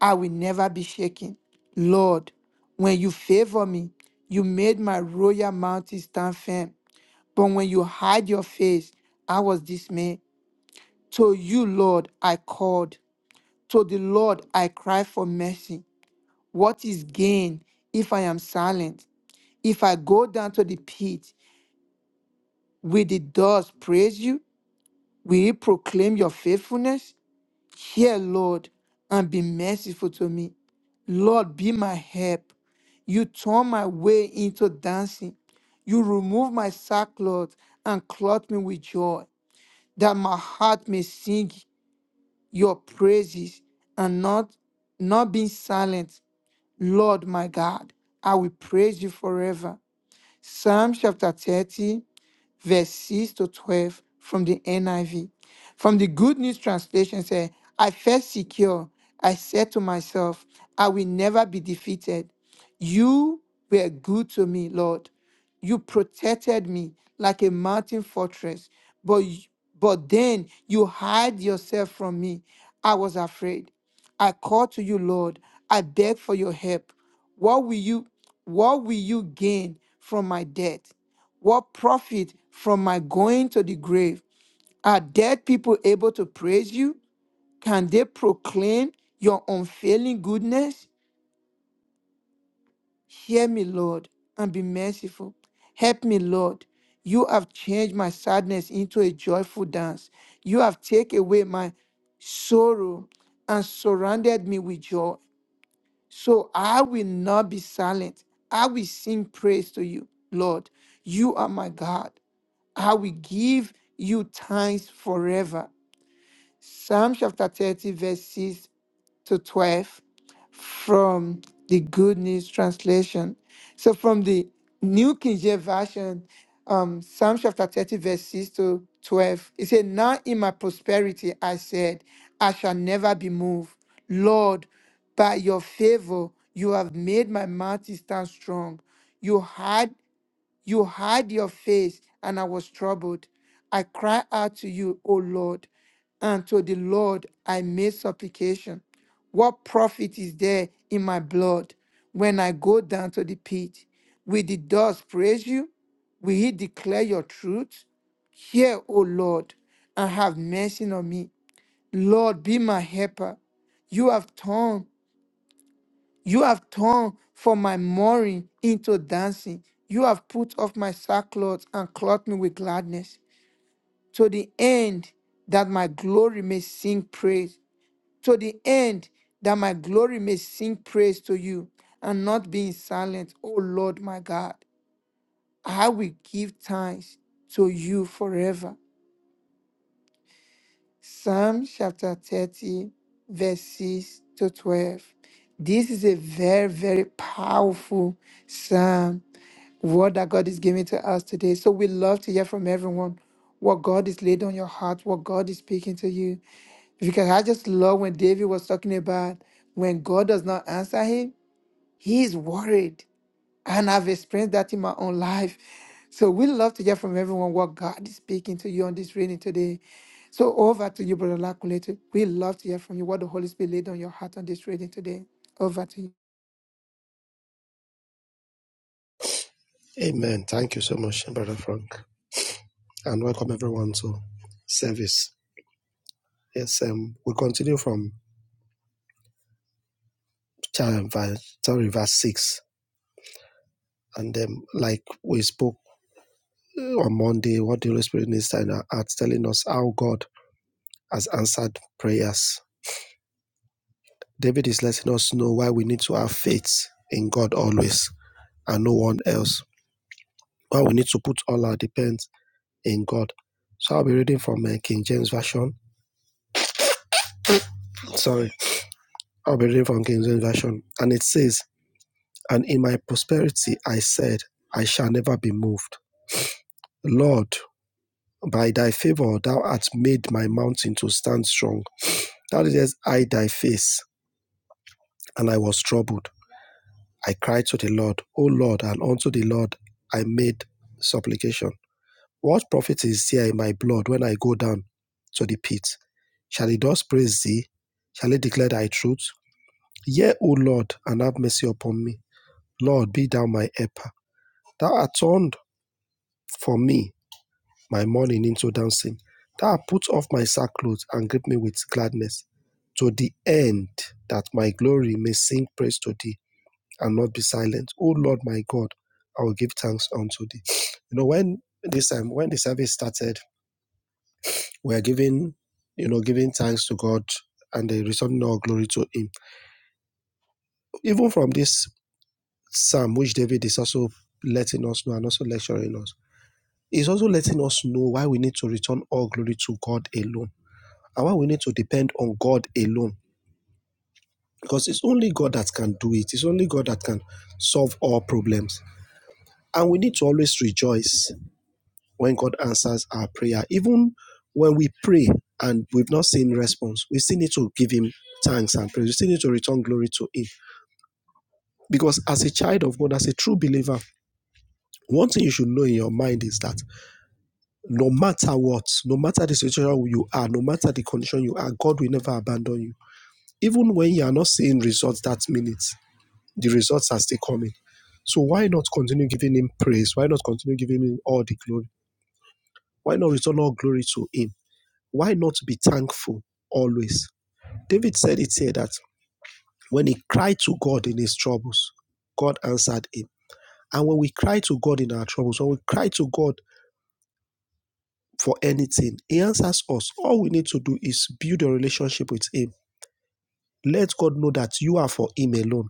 A: I will never be shaken. Lord, when you favor me, you made my royal mountain stand firm. But when you hide your face, I was dismayed. To you, Lord, I called. To the Lord, I cried for mercy. What is gain if I am silent? If I go down to the pit, will the dust praise you? Will it proclaim your faithfulness? Hear, Lord, and be merciful to me. Lord, be my help. You turn my way into dancing. You remove my sackcloth and clothe me with joy, that my heart may sing your praises and not not being silent. Lord, my God, I will praise you forever. Psalm chapter 30 verse 6 to 12 from the NIV. From the Good News translation said, I felt secure. I said to myself, I will never be defeated. You were good to me, Lord. You protected me like a mountain fortress, but y- but then you hide yourself from me. I was afraid. I called to you, Lord. I beg for your help. What will you what will you gain from my death? What profit from my going to the grave? Are dead people able to praise you? Can they proclaim your unfailing goodness? Hear me, Lord, and be merciful. Help me, Lord. You have changed my sadness into a joyful dance. You have taken away my sorrow and surrounded me with joy. So I will not be silent. I will sing praise to you, Lord. You are my God. I will give you thanks forever. Psalm chapter 30, verses to 12 from the Good News Translation. So from the New King James Version, um, Psalm chapter 30, verse 6 to 12, it said, Now in my prosperity I said, I shall never be moved. Lord, by your favor, you have made my mouth to stand strong. You hide you hide your face, and I was troubled. I cry out to you, O Lord, and to the Lord I made supplication. What profit is there in my blood when I go down to the pit? Will the dust praise you? Will he declare your truth? Hear, O Lord, and have mercy on me. Lord, be my helper. You have torn. You have turned from my mourning into dancing. You have put off my sackcloth and clothed me with gladness, to the end that my glory may sing praise, to the end that my glory may sing praise to you, and not be in silence, O Lord my God. I will give thanks to you forever. Psalm chapter 30, verse 6 to 12. This is a very, very powerful psalm, word that God is giving to us today. So we love to hear from everyone what God is laid on your heart, what God is speaking to you. Because I just love when David was talking about when God does not answer him, he is worried. And I've experienced that in my own life. So we love to hear from everyone what God is speaking to you on this reading today. So over to you, Brother Lakulete. We love to hear from you what the Holy Spirit laid on your heart on this reading today. Over to you.
C: Amen. Thank you so much, Brother Frank. And welcome everyone to service. Yes, um, we continue from chapter sorry, verse 6. And um, like we spoke uh, on Monday, what the Holy Spirit needs in our hearts, telling us how God has answered prayers. David is letting us know why we need to have faith in God always and no one else. Why we need to put all our depends in God. So I'll be reading from uh, King James Version. Sorry, I'll be reading from King James Version. And it says, And in my prosperity I said, I shall never be moved. Lord, by thy favor thou hast made my mountain to stand strong. Thou didst hide thy face, and I was troubled. I cried to the Lord, O Lord, and unto the Lord I made supplication. What profit is there in my blood when I go down to the pit? Shall the dust praise thee? Shall it declare thy truth? Hear, O Lord, and have mercy upon me. Lord, be thou my helper. Thou art turned for me my mourning into dancing. Thou art put off my sackcloth and grip me with gladness, to the end that my glory may sing praise to thee and not be silent. O Lord, my God, I will give thanks unto thee. You know, when this time, when the service started, we are giving, you know, giving thanks to God and the returning all glory to him. Even from this Psalm, which David is also letting us know and also lecturing us. is also letting us know why we need to return all glory to God alone and why we need to depend on God alone. Because it's only God that can do it, it's only God that can solve all problems. And we need to always rejoice when God answers our prayer. Even when we pray and we've not seen response, we still need to give Him thanks and praise. We still need to return glory to Him. Because as a child of God, as a true believer, one thing you should know in your mind is that no matter what, no matter the situation you are, no matter the condition you are, God will never abandon you. Even when you are not seeing results that minute, the results are still coming. So why not continue giving him praise? Why not continue giving him all the glory? Why not return all glory to him? Why not be thankful always? David said it here that when he cried to God in his troubles, God answered him. And when we cry to God in our troubles, when we cry to God for anything. He answers us. All we need to do is build a relationship with Him. Let God know that you are for Him alone.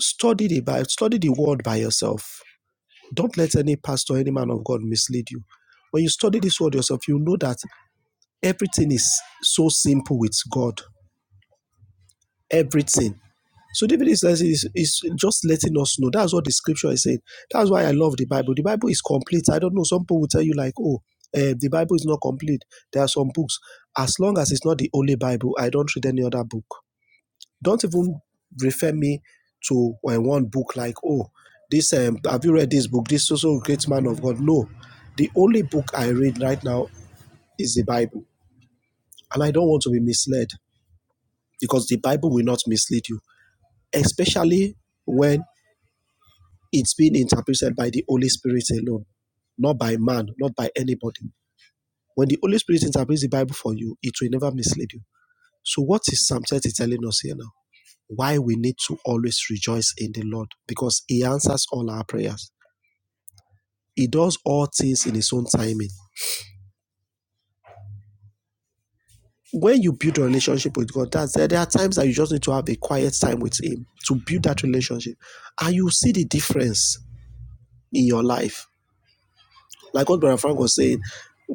C: Study the Bible, study the Word by yourself. Don't let any pastor, any man of God mislead you. When you study this Word yourself, you know that everything is so simple with God. Everything. So David is, is, is just letting us know. That's what the scripture is saying. That's why I love the Bible. The Bible is complete. I don't know. Some people will tell you like, oh, eh, the Bible is not complete. There are some books. As long as it's not the only Bible, I don't read any other book. Don't even refer me to eh, one book like, oh, this. Um, have you read this book? This also great man of God. No, the only book I read right now is the Bible, and I don't want to be misled because the Bible will not mislead you, especially when it's being interpreted by the Holy Spirit alone, not by man, not by anybody. When the Holy Spirit interprets the Bible for you, it will never mislead you. So, what is Psalm 30 telling us here now? Why we need to always rejoice in the Lord because He answers all our prayers. He does all things in His own timing. When you build a relationship with God, that's there. There are times that you just need to have a quiet time with Him to build that relationship, and you see the difference in your life Like what Brother Frank was saying,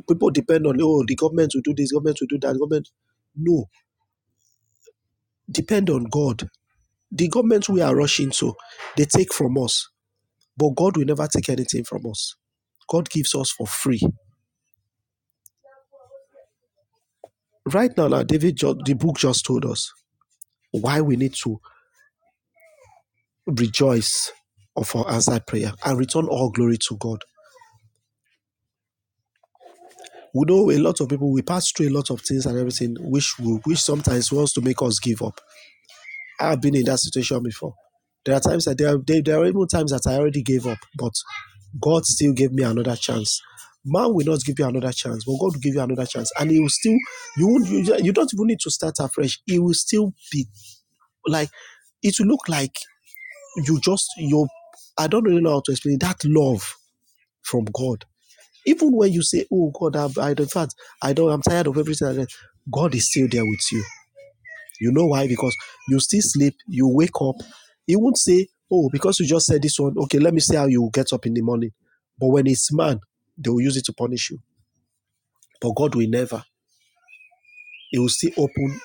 C: people depend on, oh, the government will do this, government will do that, government. No, depend on God. The government we are rushing to, they take from us, but God will never take anything from us. God gives us for free. Right now, now David, the book just told us why we need to rejoice of our answered prayer and return all glory to God. We know a lot of people, we pass through a lot of things and everything, which we, which sometimes wants to make us give up. I've been in that situation before. There are times that there are, there, there are even times that I already gave up, but God still gave me another chance. Man will not give you another chance, but God will give you another chance, and He will still. You won't. You, you don't even need to start afresh. It will still be like it will look like you just your. I don't really know how to explain it, that love from God. Even when you say, "Oh God, I, I in fact I don't. I'm tired of everything." like God is still there with you you know why? Because you still sleep, you wake up. He won't say, Oh, because you just said this one, okay, let me see how you get up in the morning. But when it's man, they will use it to punish you. But God will never. He will still open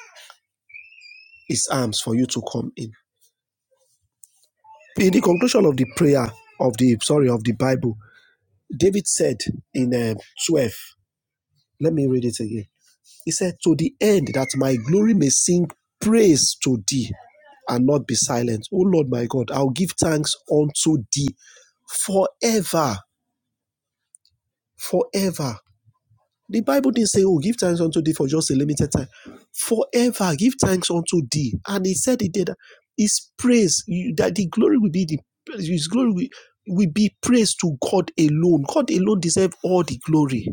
C: his arms for you to come in. In the conclusion of the prayer of the sorry of the Bible, David said in um, 12, let me read it again. He said, To the end that my glory may sing praise to thee and not be silent. O Lord my God, I'll give thanks unto thee forever. Forever. The Bible didn't say, Oh, give thanks unto thee for just a limited time. Forever, give thanks unto thee. And he said he did that his praise, that the glory will be the his glory will, will be praise to God alone. God alone deserves all the glory.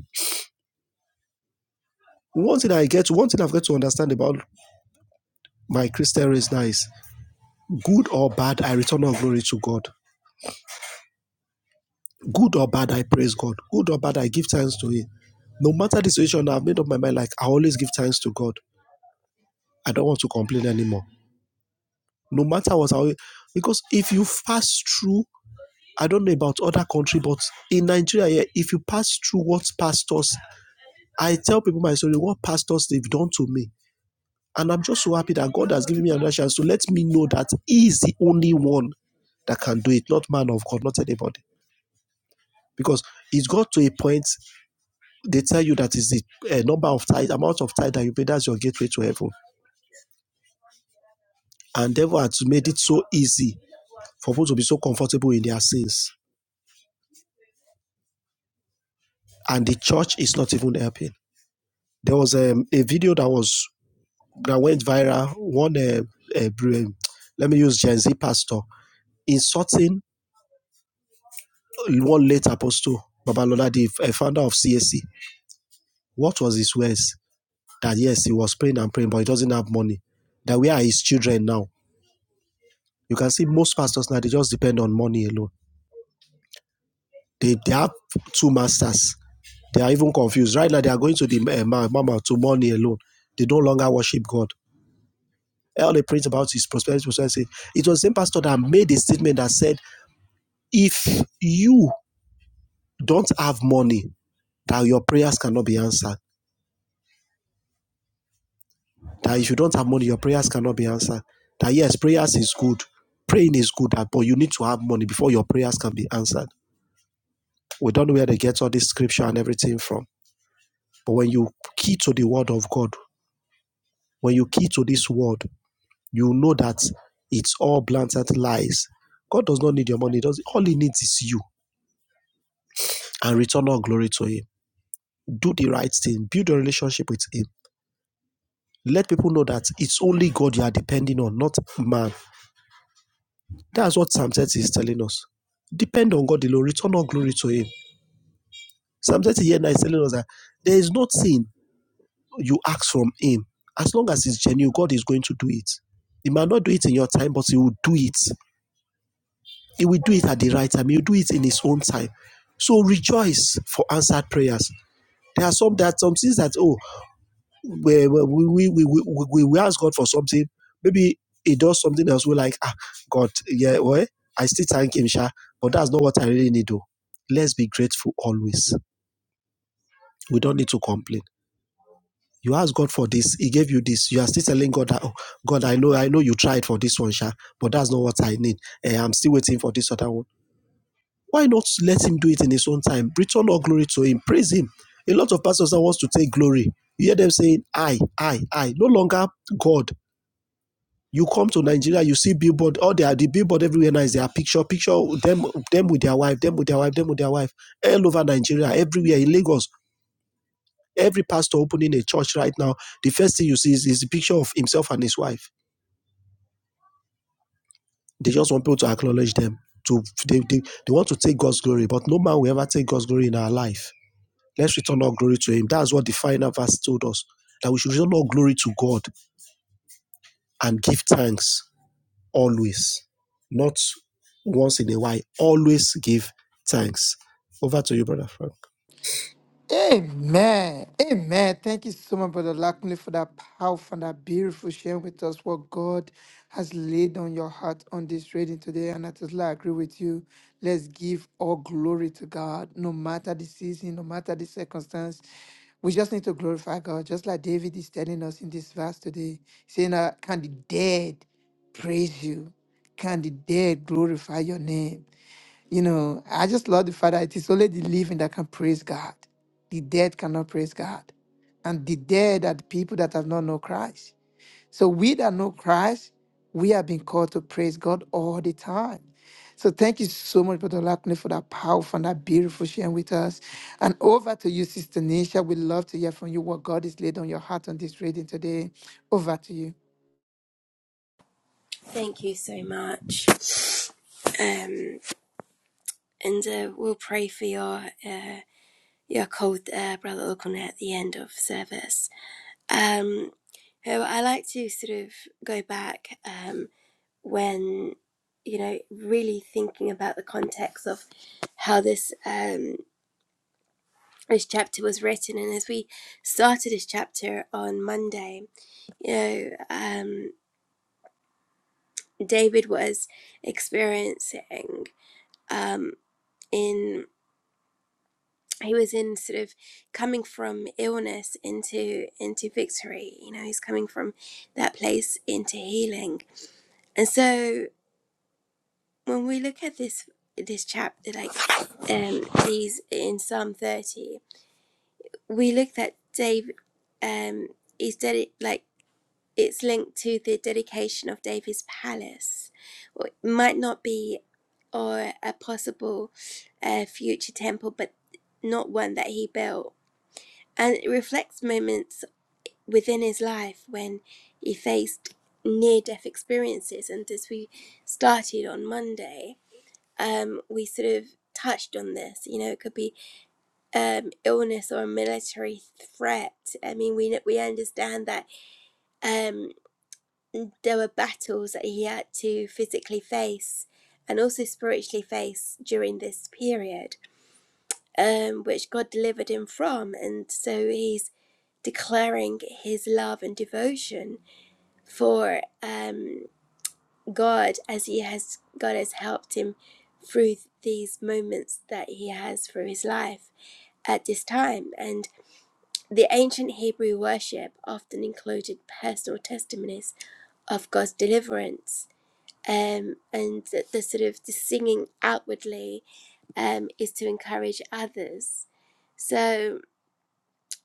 C: One thing I get, one thing I've got to understand about my Christian race now is Good or bad, I return all glory to God. Good or bad, I praise God. Good or bad, I give thanks to Him. No matter the situation, I've made up my mind. Like I always give thanks to God. I don't want to complain anymore. No matter what, I will, because if you pass through, I don't know about other country, but in Nigeria, yeah, if you pass through what pastors, I tell people my story, what pastors they've done to me, and I'm just so happy that God has given me another chance to let me know that He is the only one that can do it, not man of God, not anybody. because it's got to a point they tell you that is the uh, number of tithe, amount of tithe that you pay. That's your gateway to heaven. And devil has made it so easy for people to be so comfortable in their sins, and the church is not even helping. There was um, a video that was that went viral. One, uh, uh, um, let me use Gen Z pastor insulting one late apostle Babalola, the f- uh, founder of CAC. What was his words? That yes, he was praying and praying, but he doesn't have money. That where are his children now? You can see most pastors now, they just depend on money alone. They, they have two masters. They are even confused. Right now, they are going to the uh, mama to money alone. They no longer worship God. All they print about is prosperity, prosperity. It was the same pastor that made a statement that said, if you don't have money, that your prayers cannot be answered. That if you don't have money, your prayers cannot be answered. That yes, prayers is good. Praying is good, but you need to have money before your prayers can be answered. We don't know where they get all this scripture and everything from But when you key to the word of God, when you key to this word, you know that it's all blatant lies. God does not need your money. Does all he needs is you and return all glory to him. Do the right thing. Build a relationship with him. Let people know that it's only God you are depending on, not man. That's what Psalm 30 is telling us. Depend on God alone. Return all glory to him. Psalm 30 here now is telling us that there is nothing you ask from him. As long as it's genuine, God is going to do it. He might not do it in your time, but he will do it He will do it at the right time. He will do it in His own time. So rejoice for answered prayers. There are some that some things that oh we we we we, we, we ask God for something. Maybe He does something else. We're like ah God yeah well I still thank Him sha, but that's not what I really need though. Let's be grateful always. We don't need to complain. You ask God for this, He gave you this. You are still telling God that oh God I know I know you tried for this one sha, but that's not what I need. Eh, I'm still waiting for this other one why not let him do it in his own time? Return all glory to him. Praise him. A lot of pastors that wants to take glory. You hear them saying, I, I, I. No longer God. You come to Nigeria, you see billboard. Oh, they are the billboard everywhere now is their picture, picture them, them with their wife, them with their wife, them with their wife, all over Nigeria, everywhere in Lagos. Every pastor opening a church right now, the first thing you see is, is the picture of himself and his wife. They just want people to acknowledge them. To they, they, they want to take God's glory, but no man will ever take God's glory in our life Let's return all glory to Him. That's what the final verse told us that we should return all glory to God and give thanks always, not once in a while. Always give thanks. Over to you, brother.
A: Amen. Amen. Thank you so much, Brother Lakulete, for that powerful and that beautiful sharing with us what God has laid on your heart on this reading today. And I totally agree with you. Let's give all glory to God, no matter the season, no matter the circumstance. We just need to glorify God, just like David is telling us in this verse today, saying, uh, Can the dead praise you. Can the dead glorify your name? You know, I just love the fact that it is only the living that can praise God. The dead cannot praise God. And the dead are the people that have not known Christ. So we that know Christ, we have been called to praise God all the time. So thank you so much, Brother Lakne, for that powerful and that beautiful sharing with us. And over to you, Sister Nisha. We'd love to hear from you what God is laid on your heart on this reading today. Over to you.
B: Thank you so much. Um, and uh, we'll pray for your uh, your cold uh, brother O'Connor, at the end of service. Um, so I like to sort of go back. Um, when you know really thinking about the context of how this um this chapter was written and as we started this chapter on monday you know um david was experiencing um in he was in sort of coming from illness into into victory you know he's coming from that place into healing and so when we look at this this chapter like um these in psalm 30 we look that david um is dedi- like it's linked to the dedication of david's palace or it might not be or a possible uh, future temple but not one that he built and it reflects moments within his life when he faced near death experiences and as we started on monday um, we sort of touched on this. You know, it could be um, illness or a military threat. I mean, we we understand that um, there were battles that he had to physically face and also spiritually face during this period, um, which God delivered him from, and so he's declaring his love and devotion for um, God as he has God has helped him through these moments that he has through his life. at this time, and the ancient Hebrew worship often included personal testimonies of God's deliverance. Um, and the, the sort of the singing outwardly um, is to encourage others. So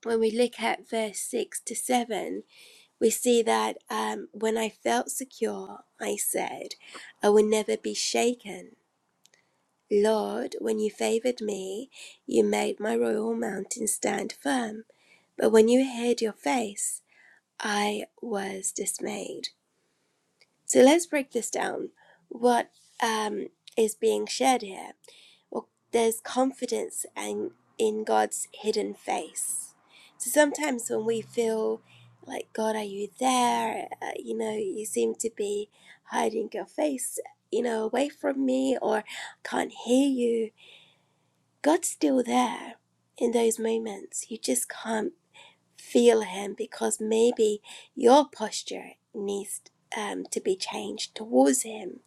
B: when we look at verse 6 to 7, we see that um, when I felt secure, I said, I will never be shaken. Lord, when you favored me, you made my royal mountain stand firm. But when you hid your face, I was dismayed. So let's break this down. What um, is being shared here? Well, there's confidence and in God's hidden face. So sometimes when we feel like God, are you there? Uh, you know, you seem to be hiding your face, you know, away from me, or can't hear you God's still there in those moments. You just can't feel Him because maybe your posture needs um, to be changed towards Him.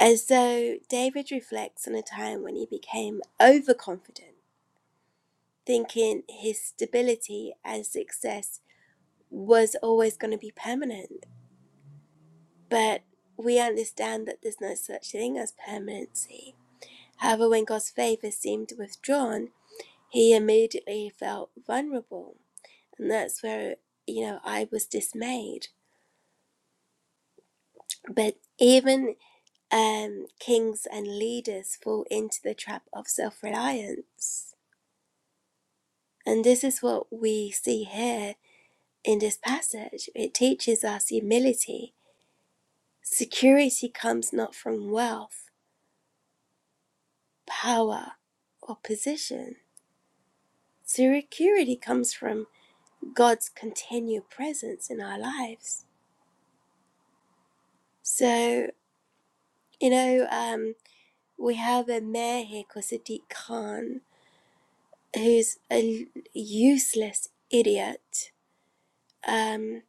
B: And so David reflects on a time when he became overconfident, thinking his stability and success was always going to be permanent. But we understand that there's no such thing as permanency. However, when God's favor seemed withdrawn, he immediately felt vulnerable and that's where you know I was dismayed. But even um, kings and leaders fall into the trap of self-reliance, and this is what we see here in this passage. It teaches us humility. Security comes not from wealth, power, or position. Security comes from God's continued presence in our lives. So you know. Um, We have a mayor here called Sadiq Khan, who's a useless idiot um,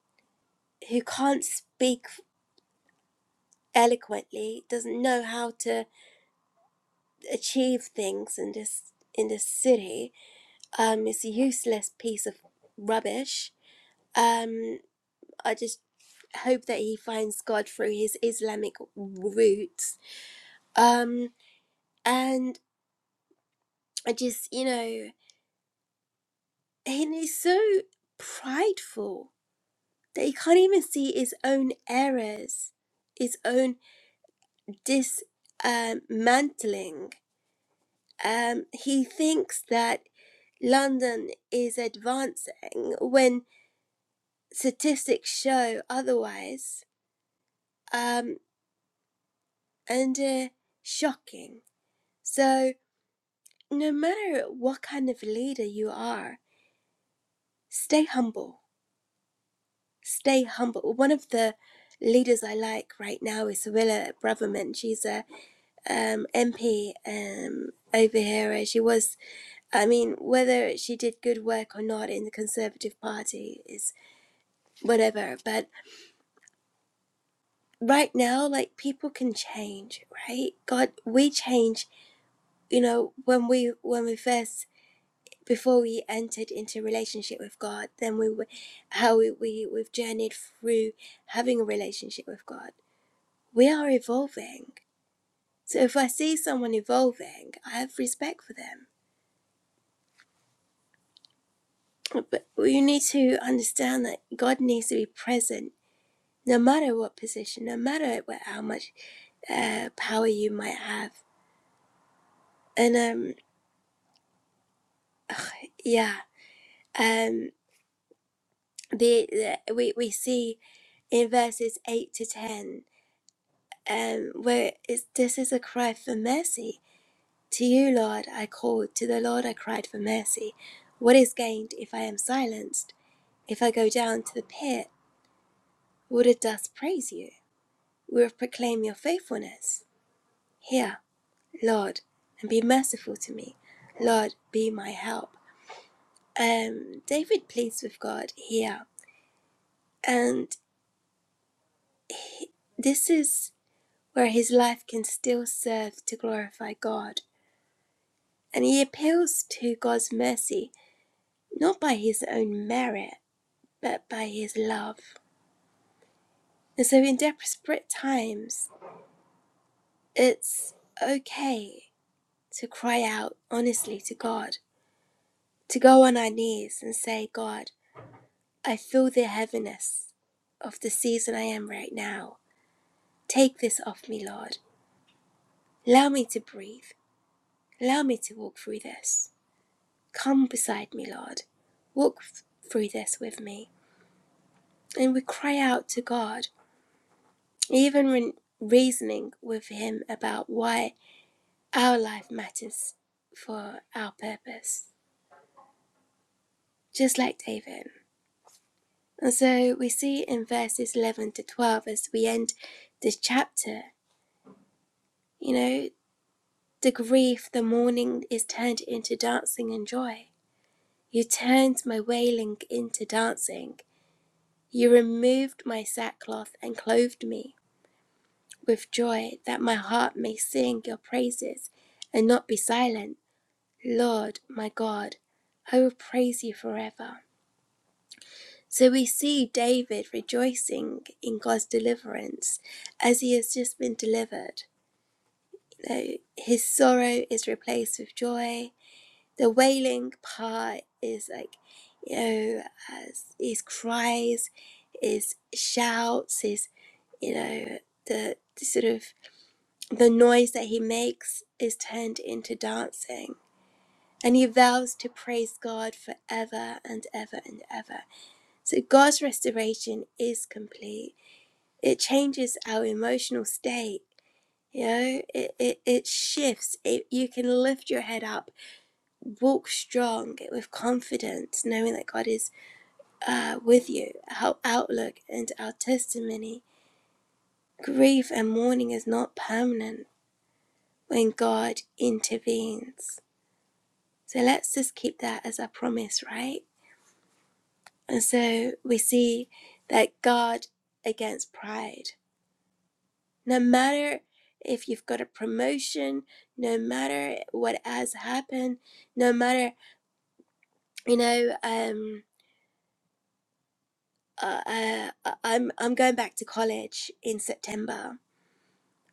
B: who can't speak eloquently, doesn't know how to achieve things in this in this city. Um, it's a useless piece of rubbish. Um, I just hope that he finds God through his Islamic roots. Um, and I just, you know, and he's so prideful that he can't even see his own errors, his own dismantling. Um, he thinks that London is advancing when statistics show otherwise, um, and uh, shocking. So, no matter what kind of leader you are, stay humble. Stay humble. One of the leaders I like right now is Willa Braverman. She's a um, MP um, over here. uh, She was, I mean, whether she did good work or not in the Conservative Party is whatever. But right now, like people can change, right? God, we change. You know, when we when we first before we entered into relationship with God, then we were how we, we we've journeyed through having a relationship with God. We are evolving. So if I see someone evolving, I have respect for them But you need to understand that God needs to be present no matter what position, no matter what, how much uh, power you might have. And um, yeah, um, the, the we, we see in verses 8 to 10 um, where it's, this is a cry for mercy. To you, Lord, I called, to the Lord I cried for mercy. What is gained if I am silenced? If I go down to the pit, will the dust praise you? Will it proclaim your faithfulness? Here, Lord, and be merciful to me. Lord, be my help. Um, David pleads with God here, and he- this is where his life can still serve to glorify God. And he appeals to God's mercy, not by his own merit, but by his love. And so, in desperate times, it's okay to cry out honestly to God, to go on our knees and say, God, I feel the heaviness of the season I am right now. Take this off me, Lord. Allow me to breathe. Allow me to walk through this. Come beside me, Lord. Walk through this with me. And we cry out to God, even when reasoning with Him about why our life matters for our purpose, just like David. And so we see in verses 11 to 12 as we end this chapter, you know, The grief, the mourning is turned into dancing and joy. You turned my wailing into dancing. You removed my sackcloth and clothed me with joy, that my heart may sing your praises and not be silent. Lord, my God, I will praise you forever. So we see David rejoicing in God's deliverance as he has just been delivered. You know, his sorrow is replaced with joy, the wailing part is like you know his cries his shouts his you know the, the sort of the noise that he makes is turned into dancing and he vows to praise god forever and ever and ever so god's restoration is complete it changes our emotional state you know it, it, it shifts it, you can lift your head up walk strong with confidence, knowing that God is uh, with you. Our outlook and our testimony, grief and mourning is not permanent when God intervenes. So let's just keep that as a promise, right? And so we see that God against pride. No matter if you've got a promotion, no matter what has happened, no matter, you know, um, uh, I, I- am I'm going back to college in September,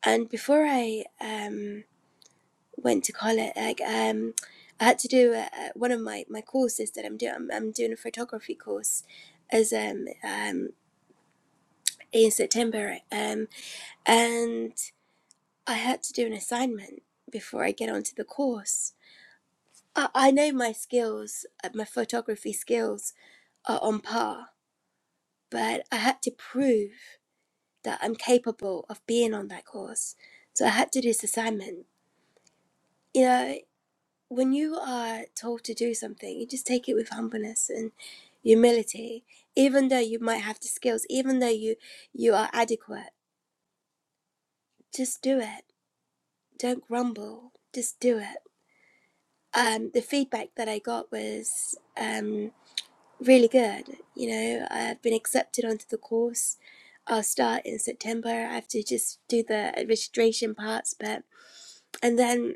B: and before I um, went to college, like um, I had to do uh uh, one of my, my courses that I'm doing. I'm, I'm doing a photography course as um, um in September, um, and I had to do an assignment before I get onto the course. I, I know my skills, uh, my photography skills are on par, but I had to prove. that I'm capable of being on that course. So I had to do this assignment. You know, when you are told to do something, you just take it with humbleness and humility. Even though you might have the skills, even though you you are adequate, just do it. Don't grumble. Just do it. Um, the feedback that I got was um, really good. You know, I've been accepted onto the course. I'll start in September. I have to just do the registration parts, but and then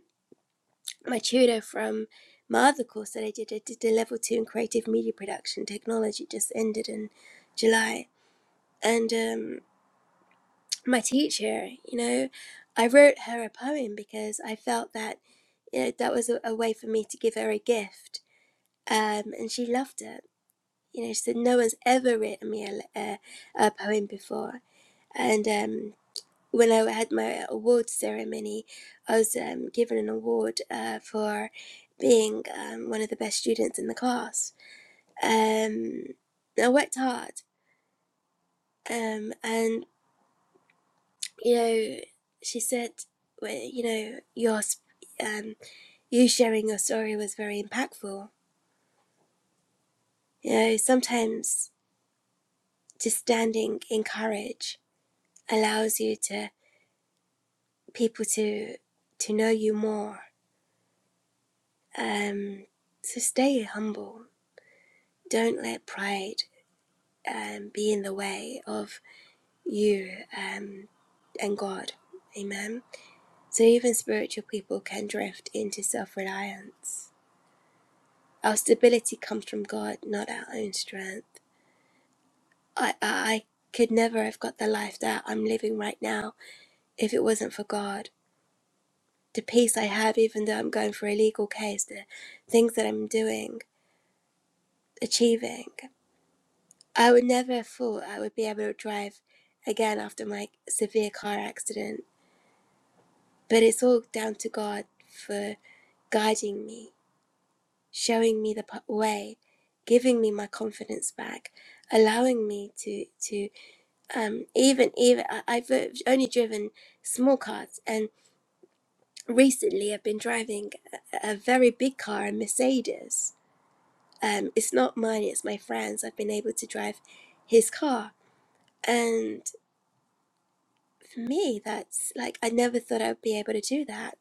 B: my tutor from my other course that I did, I did a level two in creative media production technology, just ended in July. And um, my teacher, you know, I wrote her a poem because I felt that, you know, that was a, a way for me to give her a gift. Um, and she loved it. You know, she said, No one's ever written me a, a, a poem before. And um, when I had my award ceremony, I was um, given an award uh, for being um, one of the best students in the class. Um, I worked hard, um, and you know, she said, well, you know, your um, you sharing your story was very impactful. You know, sometimes just standing in courage allows you to people to to know you more. Um, so stay humble Don't let pride um, be in the way of you um, and God. Amen. So even spiritual people can drift into self reliance. Our stability comes from God, not our own strength. I, I I could never have got the life that I'm living right now if it wasn't for God. The peace I have, even though I'm going for a legal case, the things that I'm doing, achieving, I would never have thought I would be able to drive again after my severe car accident. But it's all down to God for guiding me, showing me the way, giving me my confidence back, allowing me to to um, even even I, I've uh, only driven small cars, and recently I've been driving a, a very big car, a Mercedes. Um, it's not mine; it's my friend's. I've been able to drive his car, and for me, that's like I never thought I'd be able to do that.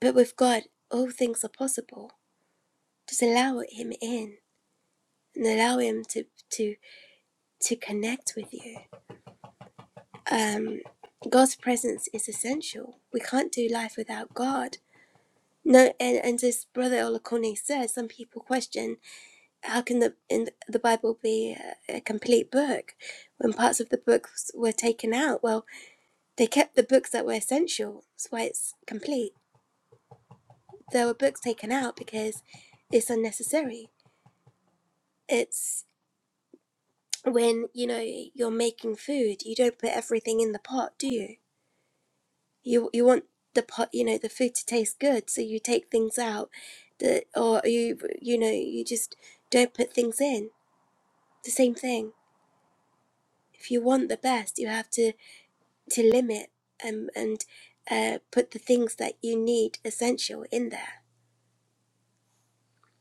B: But with God, all things are possible just allow him in and allow him to to to connect with you um god's presence is essential we can't do life without god no and and as brother olakone says some people question how can the in the bible be a, a complete book when parts of the books were taken out well they kept the books that were essential that's why it's complete there were books taken out because it's unnecessary it's when you know you're making food you don't put everything in the pot do you you you want the pot you know the food to taste good so you take things out that or you you know you just don't put things in the same thing if you want the best you have to to limit um, and uh, put the things that you need essential in there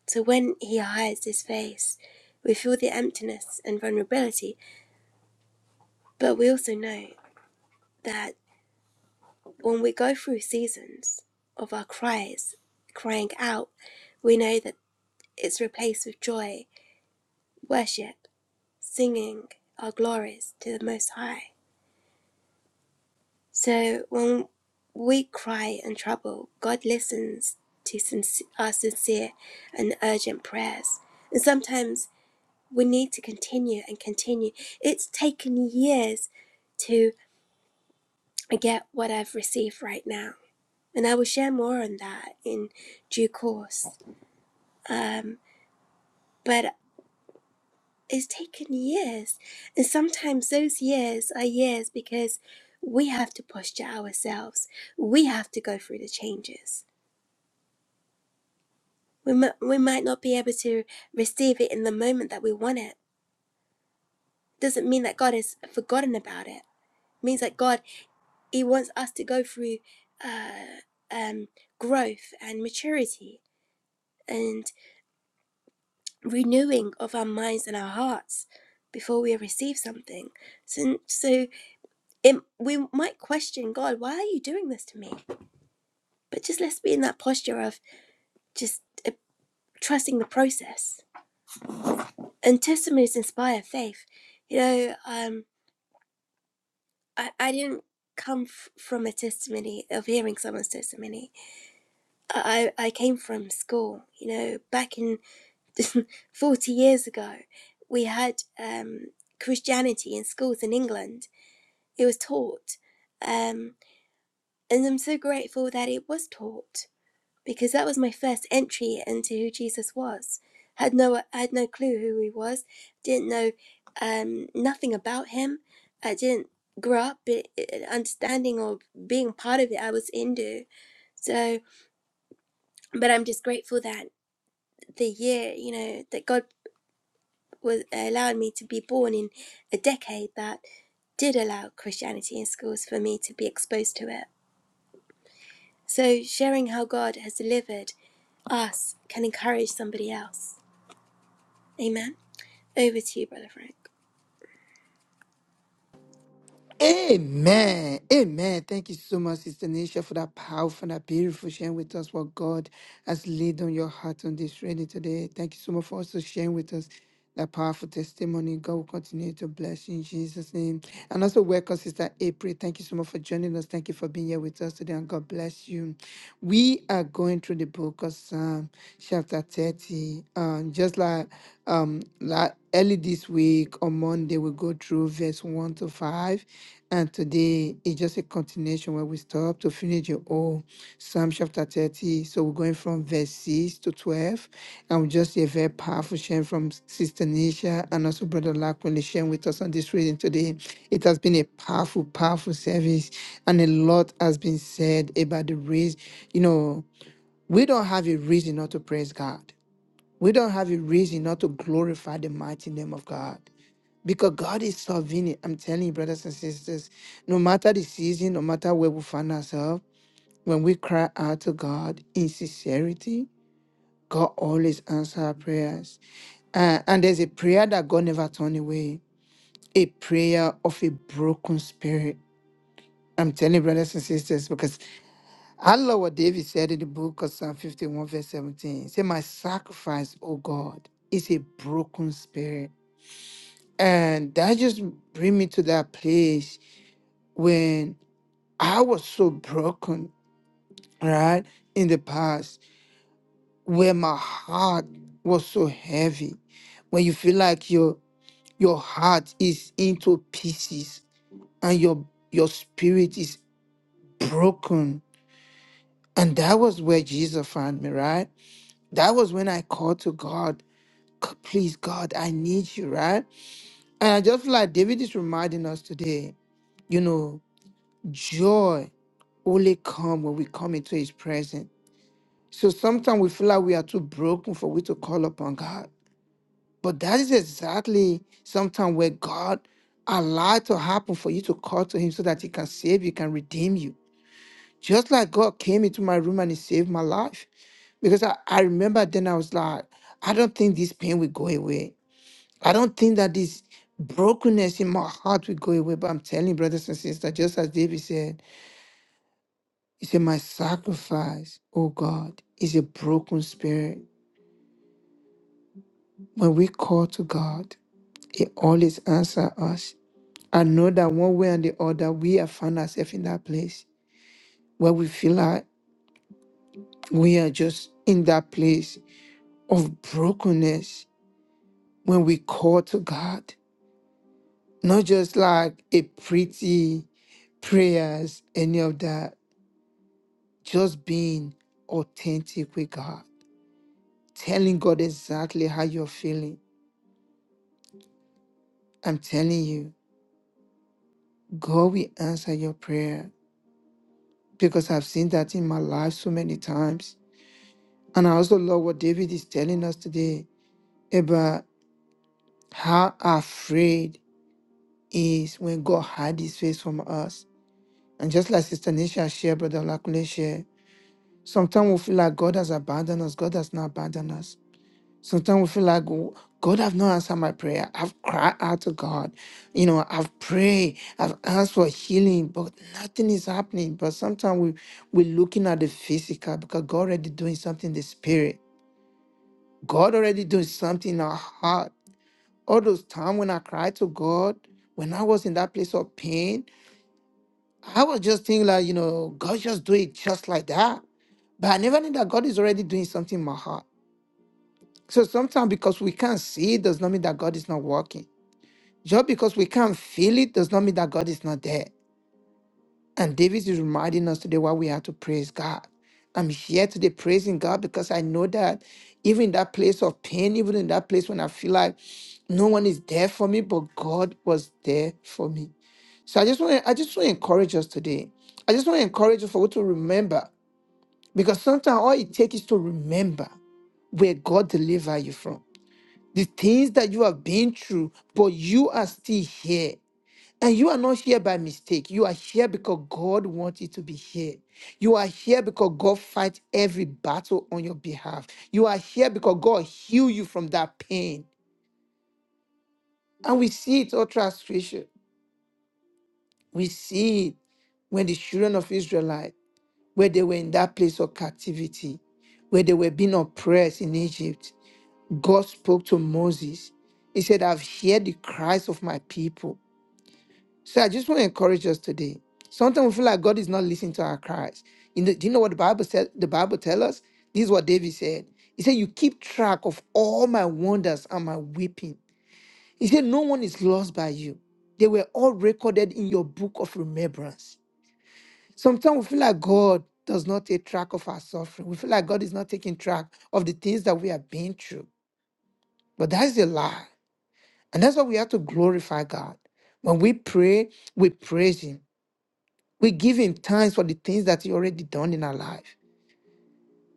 B: so when he hides his face we feel the emptiness and vulnerability but we also know that when we go through seasons of our cries, crying out, we know that it's replaced with joy, worship, singing our glories to the Most High. So when we cry in trouble, God listens to sinc- our sincere and urgent prayers. And sometimes we need to continue and continue. It's taken years to get what I've received right now. And I will share more on that in due course. um, but it's taken years. And sometimes those years are years because we have to posture ourselves. We have to go through the changes. We, mi- we might not be able to receive it in the moment that we want it. Doesn't mean that God has forgotten about it. It means that God, He wants us to go through uh, um, growth and maturity and renewing of our minds and our hearts before we receive something. So, so it, we might question God, why are you doing this to me? But just let's be in that posture of just uh, trusting the process. And testimonies inspire faith. You know, um, I, I didn't come f- from a testimony of hearing someone's testimony. I, I came from school. You know, back in 40 years ago, we had um, Christianity in schools in England. It was taught. Um, and I'm so grateful that it was taught because that was my first entry into who Jesus was. Had no I had no clue who he was. Didn't know um, nothing about him. I didn't grow up be- understanding or being part of it. I was Hindu, so but I'm just grateful that the year you know that God was allowed me to be born in a decade that did allow Christianity in schools for me to be exposed to it. So sharing how God has delivered us can encourage somebody else. Amen. Over to you, Brother Frank.
A: Amen. Amen. Thank you so much, Sister Nisha, for that powerful, that beautiful sharing with us what God has laid on your heart on this reading today. Thank you so much for also sharing with us that powerful testimony. God will continue to bless you in Jesus' name. And also welcome, Sister April. Thank you so much for joining us. Thank you for being here with us today, and God bless you. We are going through the book of Psalm, chapter 30. Um, just like um, la- early this week on Monday, we go through verse 1 to 5. And today is just a continuation where we stop to finish the whole Psalm chapter 30. So we're going from verse 6 to 12. And we just hear a very powerful share from Sister Nisha and also Brother Lakwele sharing with us on this reading today. It has been a powerful, powerful service. And a lot has been said about the reason. You know, we don't have a reason not to praise God. We don't have a reason not to glorify the mighty name of God because God is sovereign. I'm telling you, brothers and sisters, no matter the season, no matter where we find ourselves, when we cry out to God in sincerity, God always answers our prayers. Uh, and there's a prayer that God never turned away, a prayer of a broken spirit. I'm telling you, brothers and sisters, I love what David said in the book of Psalm 51, verse 17. He said, My sacrifice, O God, is a broken spirit. And that just bring me to that place when I was so broken, right? In the past, where my heart was so heavy. When you feel like your your heart is into pieces and your your spirit is broken. And that was where Jesus found me, right? That was when I called to God God, please, God, I need you, right? And I just feel like David is reminding us today, you know, joy only come when we come into his presence. So sometimes we feel like we are too broken for we to call upon God. But that is exactly sometimes where God allowed to happen for you to call to him so that he can save you, can redeem you. Just like God came into my room and he saved my life. Because I, I remember then I was like, I don't think this pain will go away. I don't think that this brokenness in my heart will go away. But I'm telling you, brothers and sisters, just as David said, he said, My sacrifice, oh God, is a broken spirit. When we call to God, He always answers us. I know that one way and the other, we have found ourselves in that place where we feel like we are just in that place of brokenness when we call to God. Not just like a pretty prayers, any of that Just being authentic with God, telling God exactly how you're feeling. I'm telling you, God will answer your prayer because I've seen that in my life so many times. And I also love what David is telling us today about how afraid he is when God hides his face from us. And just like Sister Nisha shared, Brother Lakule shared, sometimes we feel like God has abandoned us. God has not abandoned us. Sometimes we feel like "Oh, God have not answered my prayer. I've cried out to God. You know, I've prayed, I've asked for healing, but nothing is happening. But sometimes we, we're looking at the physical because God already doing something in the spirit. God already doing something in our heart. All those times when I cried to God, when I was in that place of pain, I was just thinking like, you know, God just do it just like that. But I never knew that God is already doing something in my heart. So sometimes because we can't see it does not mean that God is not working. Just because we can't feel it does not mean that God is not there. And David is reminding us today why we have to praise God. I'm here today praising God because I know that even in that place of pain, even in that place when I feel like no one is there for me, but God was there for me. So I just want to, I just want to encourage us today. I just want to encourage us for you to remember because sometimes all it takes is to remember where God delivered you from. The things that you have been through, but you are still here. And you are not here by mistake. You are here because God wants you to be here. You are here because God fights every battle on your behalf. You are here because God heal you from that pain. And we see it all throughout scripture. We see it when the children of Israelite, where they were in that place of captivity, where they were being oppressed in Egypt, God spoke to Moses. He said, I've heard the cries of my people So I just want to encourage us today. Sometimes we feel like God is not listening to our cries. You know, do you know what the Bible said? The Bible tells us this is what David said. He said, You keep track of all my wonders and my weeping. He said, No one is lost by you. They were all recorded in your book of remembrance. Sometimes we feel like God does not take track of our suffering. We feel like God is not taking track of the things that we have been through. But that's a lie. And that's why we have to glorify God. When we pray, we praise Him. We give him thanks for the things that he already done in our life.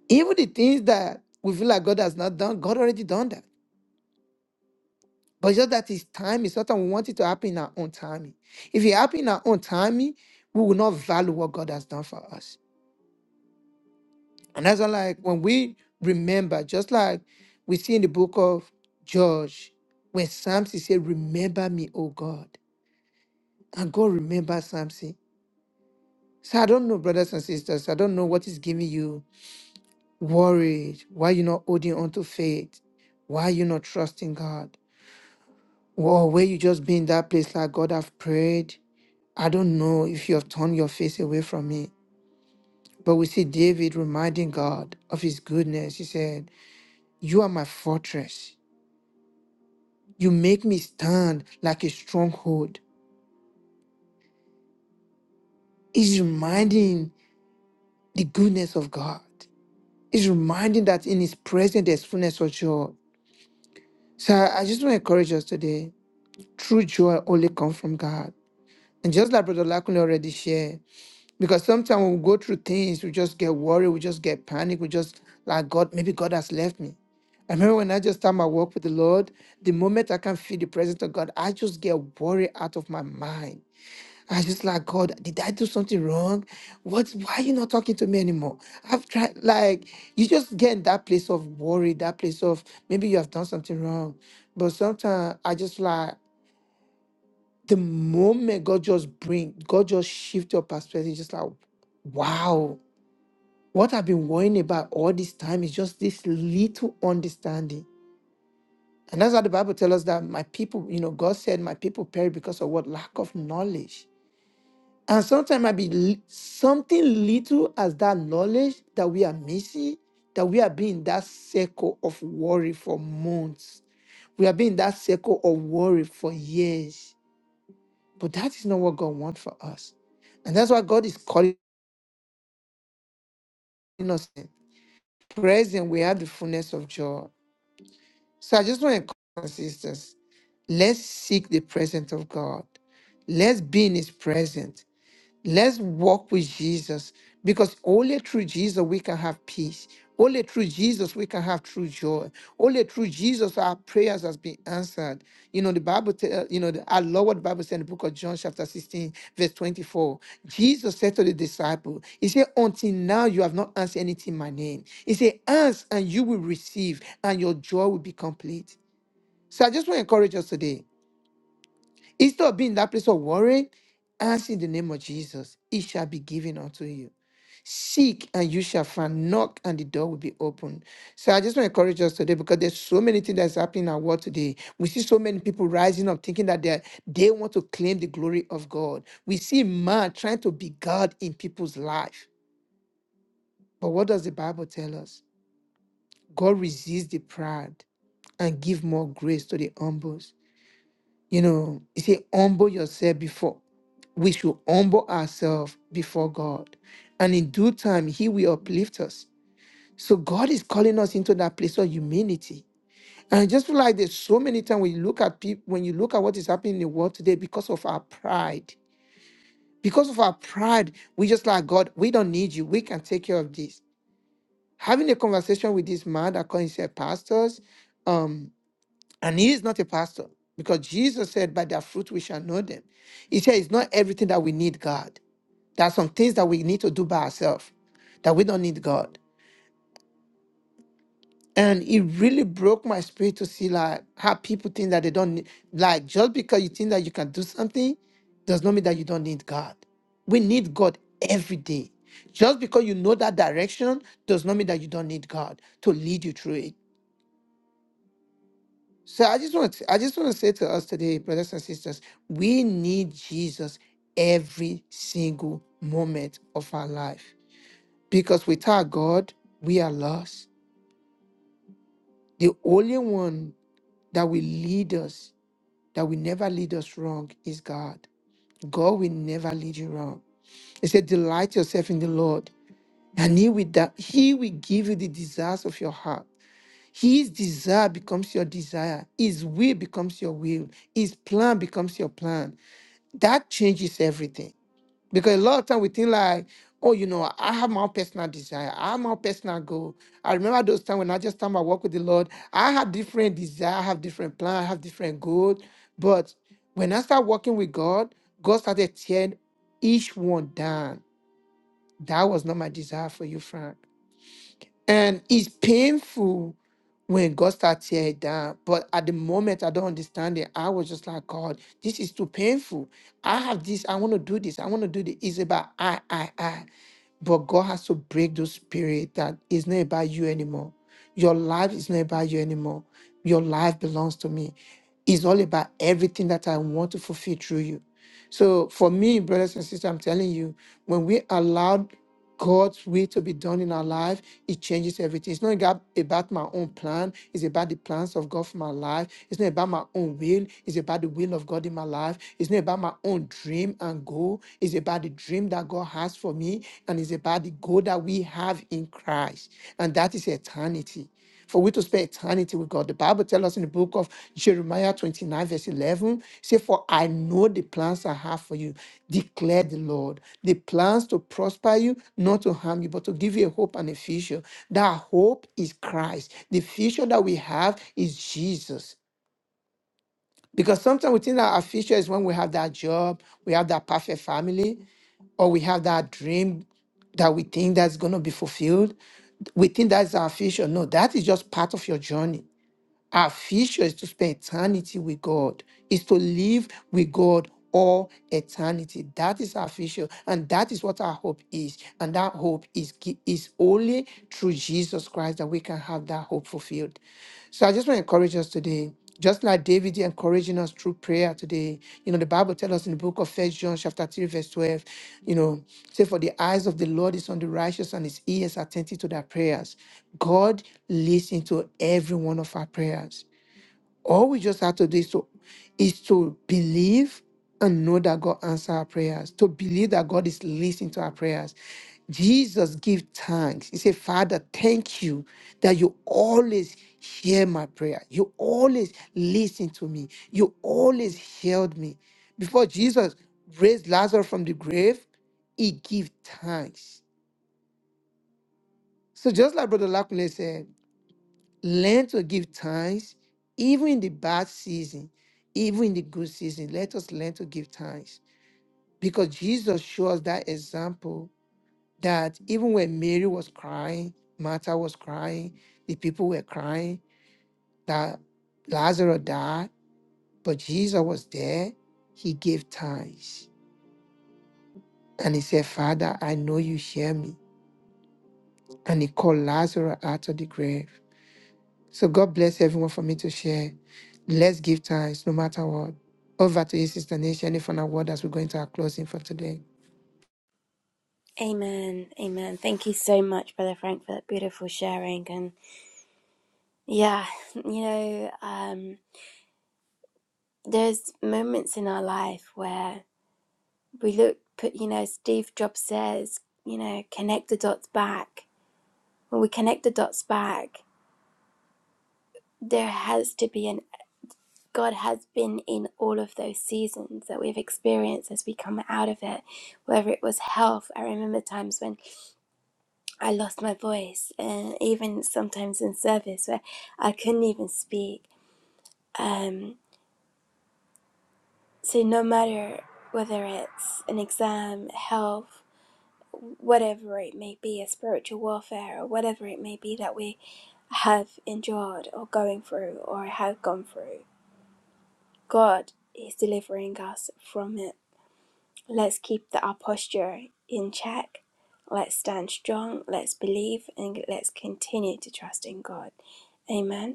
A: Even the things that we feel like God has not done, God already done that. But just that his time is something we want it to happen in our own timing. If it happen in our own timing, we will not value what God has done for us. And that's why, like when we remember, just like we see in the book of George, when Samson said, Remember me, O God. And God remembers Samson. So I don't know, brothers and sisters, I don't know what is giving you worried? Why you not holding on to faith? Why you not trusting God? Or where you just be in that place like God i have prayed? I don't know if you have turned your face away from me. But we see David reminding God of his goodness. He said, You are my fortress. You make me stand like a stronghold. He's reminding the goodness of God. He's reminding that in his presence there's fullness of joy. So I I just want to encourage us today. True joy only comes from God. And just like Brother Lakun already shared, because sometimes when we go through things, we just get worried, we just get panic, we just like God, maybe God has left me. I remember when I just start my walk with the Lord, the moment I can feel the presence of God, I just get worried out of my mind. I just like God, did I do something wrong? What why are you not talking to me anymore? I've tried like you just get in that place of worry, that place of maybe you have done something wrong. But sometimes I just like the moment God just bring, God just shift your perspective, just like, wow, what I've been worrying about all this time is just this little understanding. And that's how the Bible tells us that my people, you know, God said my people perish because of what? Lack of knowledge. And sometimes might be li- something little as that knowledge that we are missing, that we have been in that circle of worry for months. We have been in that circle of worry for years. But that is not what God wants for us. And that's why God is calling us in. Present, we have the fullness of joy. So I just want to encourage our sisters. Let's seek the presence of God. Let's be in his presence. Let's walk with Jesus because only through Jesus we can have peace. Only through Jesus we can have true joy. Only through Jesus our prayers has been answered. You know the Bible. T- uh, you know the, I love what the Bible said in the book of John chapter sixteen verse twenty four. Jesus said to the disciple, He said, "Until now you have not asked anything in my name." He said, "Ask and you will receive, and your joy will be complete." So I just want to encourage us today. Instead of being in that place of worry, ask in the name of Jesus, it shall be given unto you. Seek and you shall find, knock and the door will be opened. So I just want to encourage us today because there's so many things that's happening in our world today. We see so many people rising up thinking that they they want to claim the glory of God. We see man trying to be God in people's life. But what does the Bible tell us? God resists the proud and give more grace to the humble. You know, he said, humble yourself before we should humble ourselves before God. And in due time, He will uplift us. So God is calling us into that place of humility. And I just feel like there's so many times when you look at people, when you look at what is happening in the world today because of our pride. Because of our pride, we just like God, we don't need you. We can take care of this. Having a conversation with this man that calls himself pastors, um, and he is not a pastor because Jesus said, By their fruit we shall know them. He said, It's not everything that we need, God. There are some things that we need to do by ourselves, that we don't need God. And it really broke my spirit to see like how people think that they don't need, like just because you think that you can do something does not mean that you don't need God. We need God every day. Just because you know that direction does not mean that you don't need God to lead you through it. So I just want to, I just want to say to us today, brothers and sisters, we need Jesus every single moment of our life. Because without God, we are lost. The only one that will lead us, that will never lead us wrong, is God. God will never lead you wrong. He said, Delight yourself in the Lord, and He will, da- he will give you the desires of your heart. His desire becomes your desire. His will becomes your will. His plan becomes your plan. That changes everything. Because a lot of time we think like, oh, you know, I have my own personal desire. I have my own personal goal. I remember those times when I just time I walk with the Lord. I had different desire, I have different plan, I have different goals. But when I started working with God, God started tearing each one down. That was not my desire for you, Frank. And it's painful when God starts tearing it down. But at the moment, I don't understand it. I was just like, God, this is too painful. I have this. I want to do this. I want to do this. It's about I, I, I. But God has to break those spirit that it's not about you anymore. Your life is not about you anymore. Your life belongs to me. It's all about everything that I want to fulfill through you. So for me, brothers and sisters, I'm telling you, when we allowed God's will to be done in our life, it changes everything. It's not ega- about my own plan, it's about the plans of God for my life. It's not about my own will, it's about the will of God in my life. It's not about my own dream and goal, it's about the dream that God has for me, and it's about the goal that we have in Christ, and that is eternity. For we to spend eternity with God. The Bible tells us in the book of Jeremiah 29, verse 11, say, For I know the plans I have for you, declare the Lord. The plans to prosper you, not to harm you, but to give you a hope and a future. That hope is Christ. The future that we have is Jesus. Because sometimes we think that our future is when we have that job, we have that perfect family, or we have that dream that we think that's going to be fulfilled. We think that's our future. No, that is just part of your journey. Our future is to spend eternity with God, is to live with God all eternity. That is our future, and that is what our hope is. And that hope is, gi- is only through Jesus Christ that we can have that hope fulfilled. So I just want to encourage us today just like David here encouraging us through prayer today. You know, the Bible tells us in the book of First John, chapter 3, verse 12, you know, say, For the eyes of the Lord is on the righteous and his ears attentive to their prayers. God listens to every one of our prayers. All we just have to do is to is to believe and know that God answers our prayers, to believe that God is listening to our prayers. Jesus give thanks. He said, Father, thank you that you always hear my prayer. You always listen to me. You always healed me. Before Jesus raised Lazarus from the grave, he give thanks. So just like Brother Lakunle said, Learn to give thanks, even in the bad season, even in the good season. Let us learn to give thanks because Jesus shows us that example that even when Mary was crying, Martha was crying, the people were crying, that Lazarus died, but Jesus was there. He gave thanks and he said, Father, I know you hear me. And he called Lazarus out of the grave. So God bless everyone for me to share. Let's give thanks no matter what. Over to you, Sister Nisha, any final word as we go into our closing for today.
B: Amen. Amen. Thank you so much, Brother Frank, for that beautiful sharing. And yeah, you know, um, there's moments in our life where we look, put, you know, Steve Jobs says, you know, connect the dots back. When we connect the dots back, there has to be an God has been in all of those seasons that we've experienced as we come out of it, whether it was health. I remember times when I lost my voice, and even sometimes in service where I couldn't even speak. Um, so no matter whether it's an exam, health, whatever it may be, a spiritual warfare, or whatever it may be that we have endured or going through or have gone through, God is delivering us from it. Let's keep the, our posture in check. Let's stand strong. Let's believe, and let's continue to trust in God. Amen.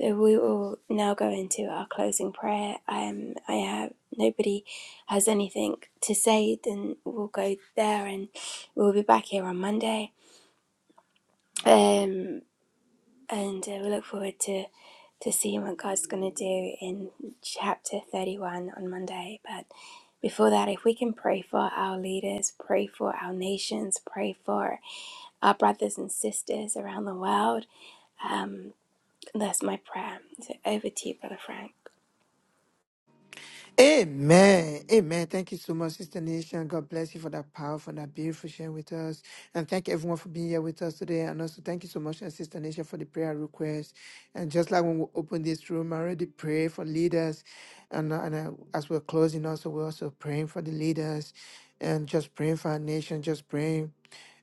B: So we will now go into our closing prayer. Um, I have nobody has anything to say, then we'll go there, and we'll be back here on Monday. Um, and uh, we look forward to to seeing what God's going to do in chapter thirty one on Monday. But before that, if we can pray for our leaders, pray for our nations, pray for our brothers and sisters around the world, um, that's my prayer. So over to you, Brother Frank.
A: Amen. Amen. Thank you so much, Sister Nation. God bless you for that powerful and that beautiful sharing with us. And thank everyone for being here with us today. And also thank you so much, uh, Sister Nation, for the prayer request. And just like when we opened this room, I already pray for leaders. And, uh, and uh, as we're closing also, we're also praying for the leaders and just praying for our nation, just praying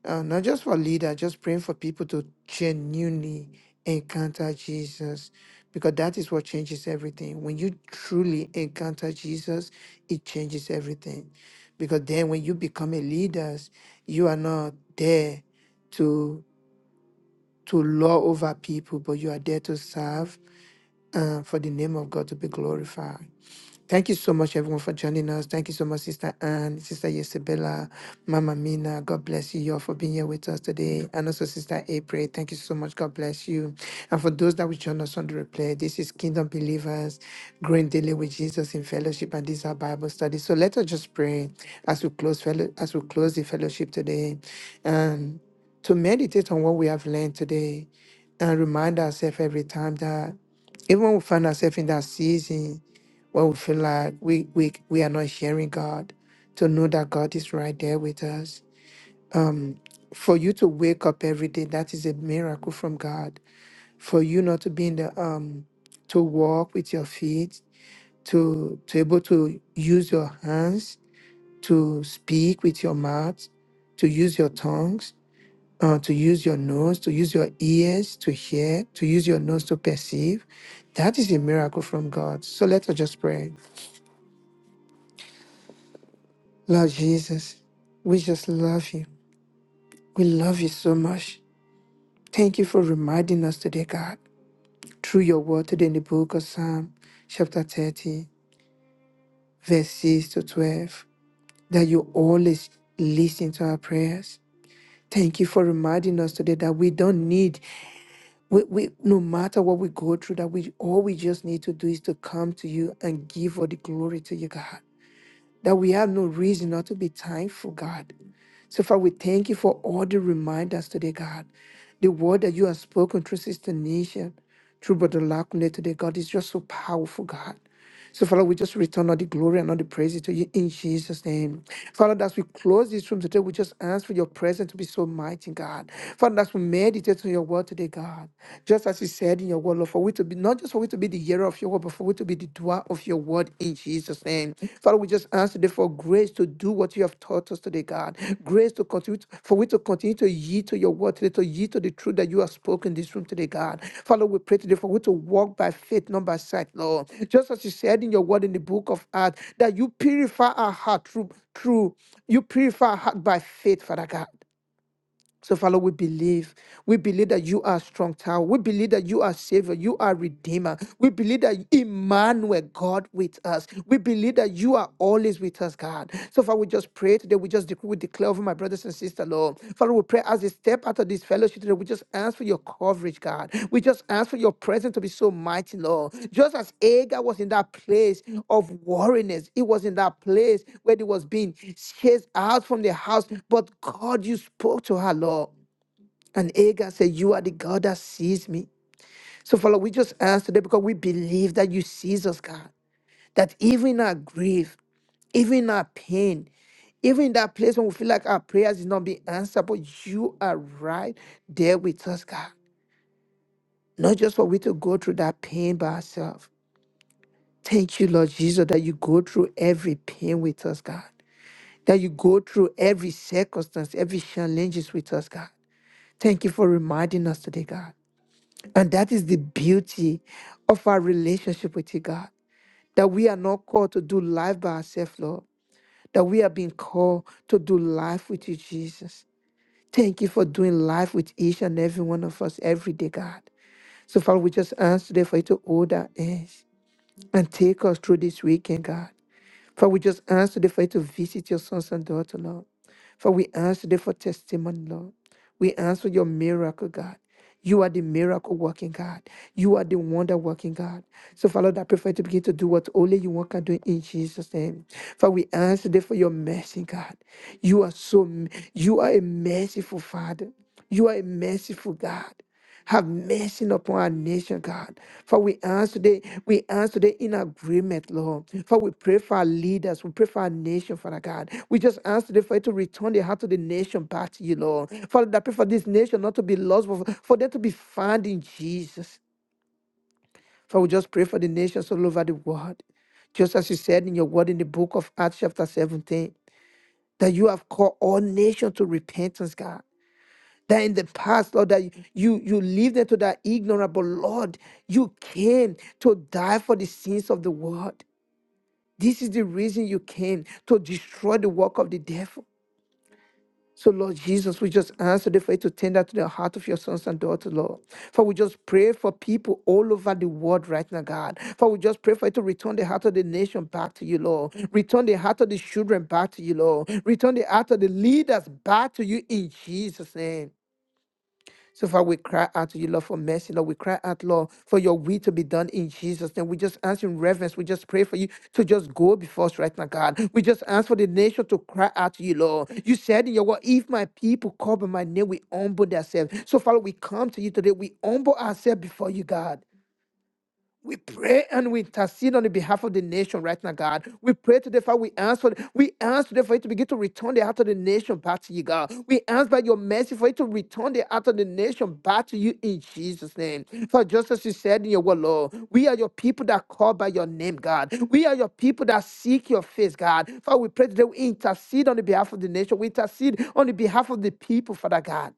A: uh, not just for leader, just praying for people to genuinely encounter Jesus because that is what changes everything. When you truly encounter Jesus, it changes everything. Because then when you become a leader, you are not there to to law over people, but you are there to serve uh, for the name of God to be glorified. Thank you so much, everyone, for joining us. Thank you so much, Sister Anne, Sister Yesabella, Mama Mina. God bless you all for being here with us today. And also, Sister April, thank you so much. God bless you. And for those that will join us on the replay, this is Kingdom Believers growing daily with Jesus in fellowship, and these are Bible studies. So let us just pray as we close fellow as we close the fellowship today, and to meditate on what we have learned today, and remind ourselves every time that even when we find ourselves in that season when we feel like we we we are not hearing God, to know that God is right there with us. Um, for you to wake up every day, that is a miracle from God. For you not to be in the um, to walk with your feet, to to able to use your hands, to speak with your mouth, to use your tongues, uh, to use your nose, to use your ears to hear, to use your nose to perceive, that is a miracle from God. So let us just pray. Lord Jesus, we just love you. We love you so much. Thank you for reminding us today, God, through your word today in the book of Psalm, chapter 30, verse 6 to 12, that you always listen to our prayers. Thank you for reminding us today that we don't need, we, we no matter what we go through, that we all we just need to do is to come to you and give all the glory to you, God. that we have no reason not to be thankful, God. So far, we thank you for all the reminders today, God. The word that you have spoken through Sister Nation, through Brother Lakune today, God, is just so powerful, God. So, Father, we just return all the glory and all the praises to you in Jesus' name. Father, as we close this room today, we just ask for your presence to be so mighty, God. Father, as we meditate on your word today, God, just as you said in your word, Lord, for we to be not just for we to be the hearer of of your word, but for we to be the doer of your word in Jesus' name. Father, we just ask today for grace to do what you have taught us today, God. Grace to continue, to- for we to continue to yield to your word today, to yield to the truth that you have spoken in this room today, God. Father, we pray today for we to walk by faith, not by sight, Lord. Just as you said in your word in the book of Acts, that you purify our heart through, through you purify our heart by faith, Father God. So, Father, we believe. We believe that you are strong tower. We believe that you are savior. You are redeemer. We believe that Emmanuel, God with us. We believe that you are always with us, God. So, Father, we just pray today. We just decree, we declare over my brothers and sisters, Lord. Father, we pray as they step out of this fellowship today, we just ask for your coverage, God. We just ask for your presence to be so mighty, Lord. Just as Agar was in that place of wariness, it was in that place where it was being chased out from the house. But God, you spoke to her, Lord. And Agar said, You are the God that sees me. So, Father, we just ask today because we believe that you sees us, God. That even in our grief, even our pain, even that place when we feel like our prayers is not being answered, but you are right there with us, God. Not just for we to go through that pain by ourselves. Thank you, Lord Jesus, that you go through every pain with us, God. That you go through every circumstance, every challenges with us, God. Thank you for reminding us today, God. And that is the beauty of our relationship with you, God. That we are not called to do life by ourselves, Lord that we have been called to do life with you, Jesus. Thank you for doing life with each and every one of us every day, God. So, Father, we just ask today for you to hold our hands and take us through this weekend, God. For we just ask today for you to visit your sons and daughters, Lord. For we ask today for testimony, Lord. We ask for your miracle, God. You are the miracle working God. You are the wonder working God. So, Father, Lord, I pray for you to begin to do what only you want can do in Jesus' name. For we ask today for your mercy, God. You are so, you are a merciful Father. You are a merciful God. Have mercy upon our nation, God. For we ask today, we ask today in agreement, Lord. For we pray for our leaders, we pray for our nation, Father God. We just ask today for you to return the heart of the nation back to you, Lord. Father, I pray for this nation not to be lost, but for for them to be found in Jesus. For we just pray for the nations all over the world. Just as you said in your word in the book of Acts, chapter 17, that you have called all nations to repentance, God that in the past, Lord, that you you lived into that ignorant, but Lord, you came to die for the sins of the world. This is the reason you came to destroy the work of the devil. So, Lord Jesus, we just answer for you to tender to the heart of your sons and daughters, Lord. For we just pray for people all over the world right now, God. For we just pray for you to return the heart of the nation back to you, Lord. Return the heart of the children back to you, Lord. Return the heart of the leaders back to you in Jesus' name. So, far we cry out to you, Lord, for mercy. Lord, we cry out, Lord, for your will to be done in Jesus' name. We just ask in reverence. We just pray for you to just go before us right now, God. We just ask for the nation to cry out to you, Lord. You said in your word, if my people call by my name, we humble themselves. So, Father, we come to you today. We humble ourselves before you, God. We pray and we intercede on the behalf of the nation right now, God. We pray today, Father. We ask for we ask today for you to begin to return the heart of the nation back to you, God. We ask by your mercy for you to return the heart of the nation back to you in Jesus' name. For just as you said in your word, Lord, we are your people that call by your name, God. We are your people that seek your face, God. Father, we pray today. We intercede on the behalf of the nation. We intercede on the behalf of the people, Father God.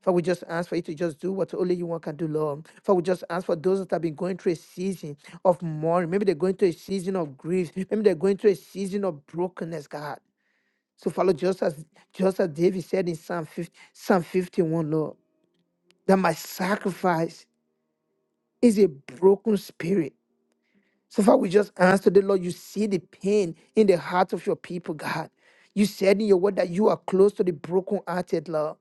A: For we just ask for you to just do what only you want can do, Lord. For we just ask for those that have been going through a season of mourning. Maybe they're going through a season of grief. Maybe they're going through a season of brokenness, God. So follow just as just as David said in Psalm 50, Psalm 51, Lord, that my sacrifice is a broken spirit. So far, we just ask today, Lord, you see the pain in the heart of your people, God. You said in your word that you are close to the brokenhearted, Lord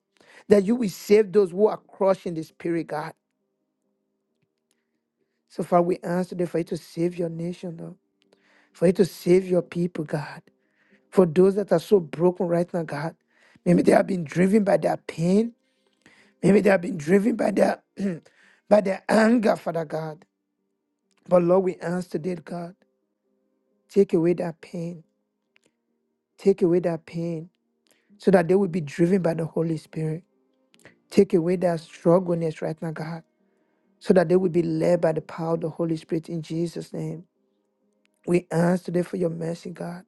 A: that you will save those who are crushed in the spirit, God. So, Father, we ask today for you to save your nation, Lord, for you to save your people, God. For those that are so broken right now, God, maybe they have been driven by their pain, maybe they have been driven by their by their anger, Father God. But Lord, we ask today, God, take away that pain, take away that pain, so that they will be driven by the Holy Spirit. Take away that struggleness right now, God, so that they will be led by the power of the Holy Spirit in Jesus' name. We ask today for your mercy, God.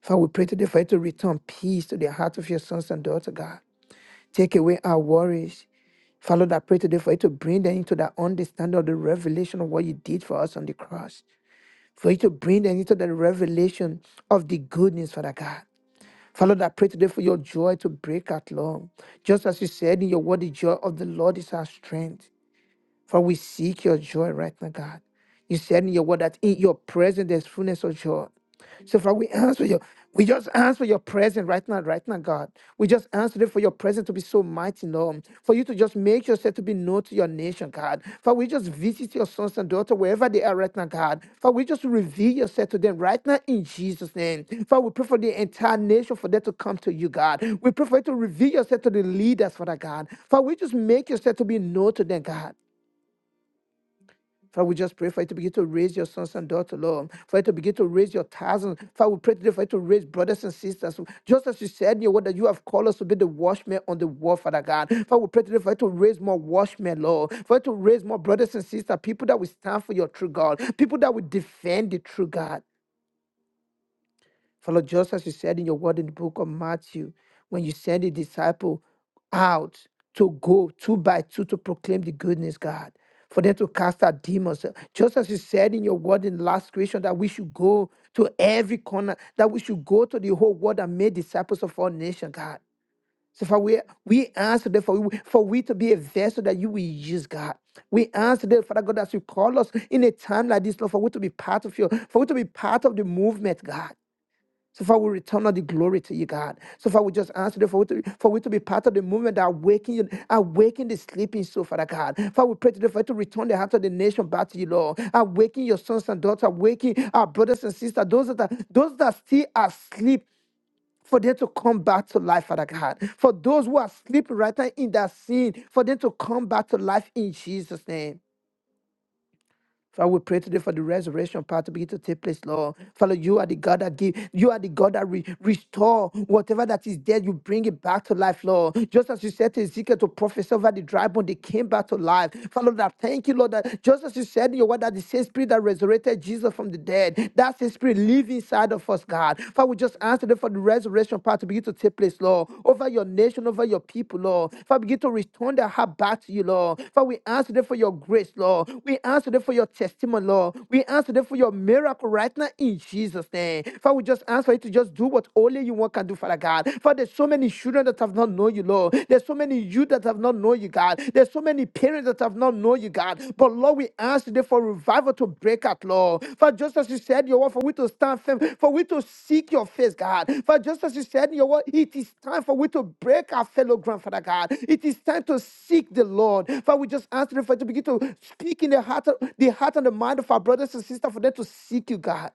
A: Father, we pray today for you to return peace to the heart of your sons and daughters, God. Take away our worries. Father, Lord, I pray today for you to bring them into the understanding of the revelation of what you did for us on the cross. For you to bring them into the revelation of the goodness, Father God. Father, Lord, I pray today for your joy to break out long. Just as you said in your word, the joy of the Lord is our strength. For we seek your joy right now, God. You said in your word that in your presence there's fullness of joy. So Father, we ask for your, we just ask for your presence right now, right now, God. We just ask today for your presence to be so mighty, Lord. For you to just make yourself to be known to your nation, God. For we just visit your sons and daughters wherever they are right now, God. For we just reveal yourself to them right now in Jesus' name. For we pray for the entire nation for them to come to you, God. We pray for you to reveal yourself to the leaders, Father God. For we just make yourself to be known to them, God. Father, we just pray for you to begin to raise your sons and daughters, Lord. For you to begin to raise your thousands. Father, we pray today for you to raise brothers and sisters. Just as you said in your word that you have called us to be the watchmen on the wall, Father God. Father, we pray today for you to raise more watchmen, Lord. For you to raise more brothers and sisters, people that will stand for your true God, people that will defend the true God. For Lord, just as you said in your word in the book of Matthew, when you send a disciple out to go two by two to proclaim the goodness, God, for them to cast out demons. uh, Just as you said in your word in last creation that we should go to every corner, that we should go to the whole world and make disciples of all nations, God. So for we we answer that for we, for we to be a vessel that you will use, God. We answer that, Father God, as you call us in a time like this, Lord, for we to be part of your, for we to be part of the movement, God. So far, we return all the glory to you, God. So far, we just ask you for we to, for we to be part of the movement that awaken, you- awaken the sleeping soul, Father God. Father, we pray today for you to return the heart of the nation back to you, Lord. Awaken your sons and daughters, awaken our brothers and sisters, those that are, those that still are asleep for them to come back to life, Father God. For those who are asleep right now in that sin, for them to come back to life in Jesus' name. Father, we pray today for the resurrection power to begin to take place, Lord. Father, you are the God that give, you are the God that re- restore whatever that is dead, you bring it back to life, Lord. Just as you said to Ezekiel to prophesy over the dry bone, they came back to life. Father, Lord, I thank you, Lord, that just as you said in your word that the same spirit that resurrected Jesus from the dead, that same spirit live inside of us, God. Father, we just answer them for the resurrection resurrection power to begin to take place, Lord, over your nation, over your people, Lord. Father, begin to return their heart back to you, Lord. Father, we ask today for your grace, Lord. We ask today for your testimony, Lord. We ask today for your miracle right now in Jesus' name. Father, we just ask for you to just do what only you want can do, Father God. Father, there's so many children that have not known you, Lord. There's so many youth that have not known you, God. There's so many many parents that have not known you, God. But Lord, we ask today for revival to break out, Lord. For just as you said, in your word, for we to stand firm, for we to seek your face, God. For just as you said, in your word, it is time for we to break our fellow grandfather, God. It is time to seek the Lord. For we just ask today for you to begin to speak in the heart, the heart and the mind of our brothers and sisters for them to seek you, God.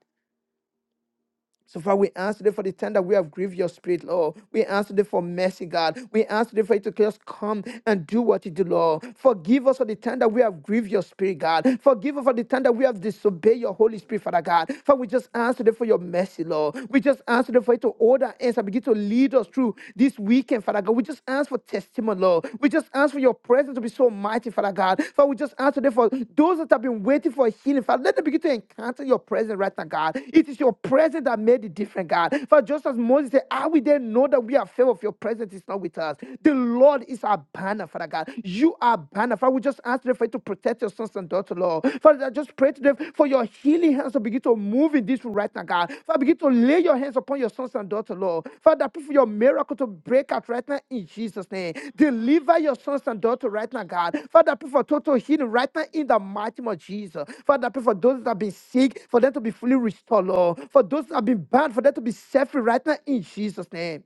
A: So far, we ask today for the time that we have grieved your spirit, Lord. We ask today for mercy, God. We ask today for you to just come and do what you do, Lord. Forgive us for the time that we have grieved your spirit, God. Forgive us for the time that we have disobeyed your Holy Spirit, Father God. For we just ask today for your mercy, Lord. We just ask today for you to order our hands and begin to lead us through this weekend, Father God. We just ask for testimony, Lord. Lord. We just ask for your presence to be so mighty, Father God. Father, we just ask today for those that have been waiting for healing. Father, let them begin to encounter your presence right now, God. It is your presence that made it different, God. For just as Moses said, How we then know that we are favored of your presence is not with us? The Lord is our banner, Father God. You are banner. Father, we just ask today for you to protect your sons and daughters, Lord. Father, I just pray today for for your healing hands to begin to move in this room right now, God. Father, begin to lay your hands upon your sons and daughters, Lord. Father, pray for your miracle to break out right now in Jesus' name. Deliver your sons and daughters right now, God. Father, pray for total healing right now in the mighty name of Jesus. Father, pray for those that have been sick, for them to be fully restored, Lord. For those that have been bound, for them to be set free right now in Jesus' name.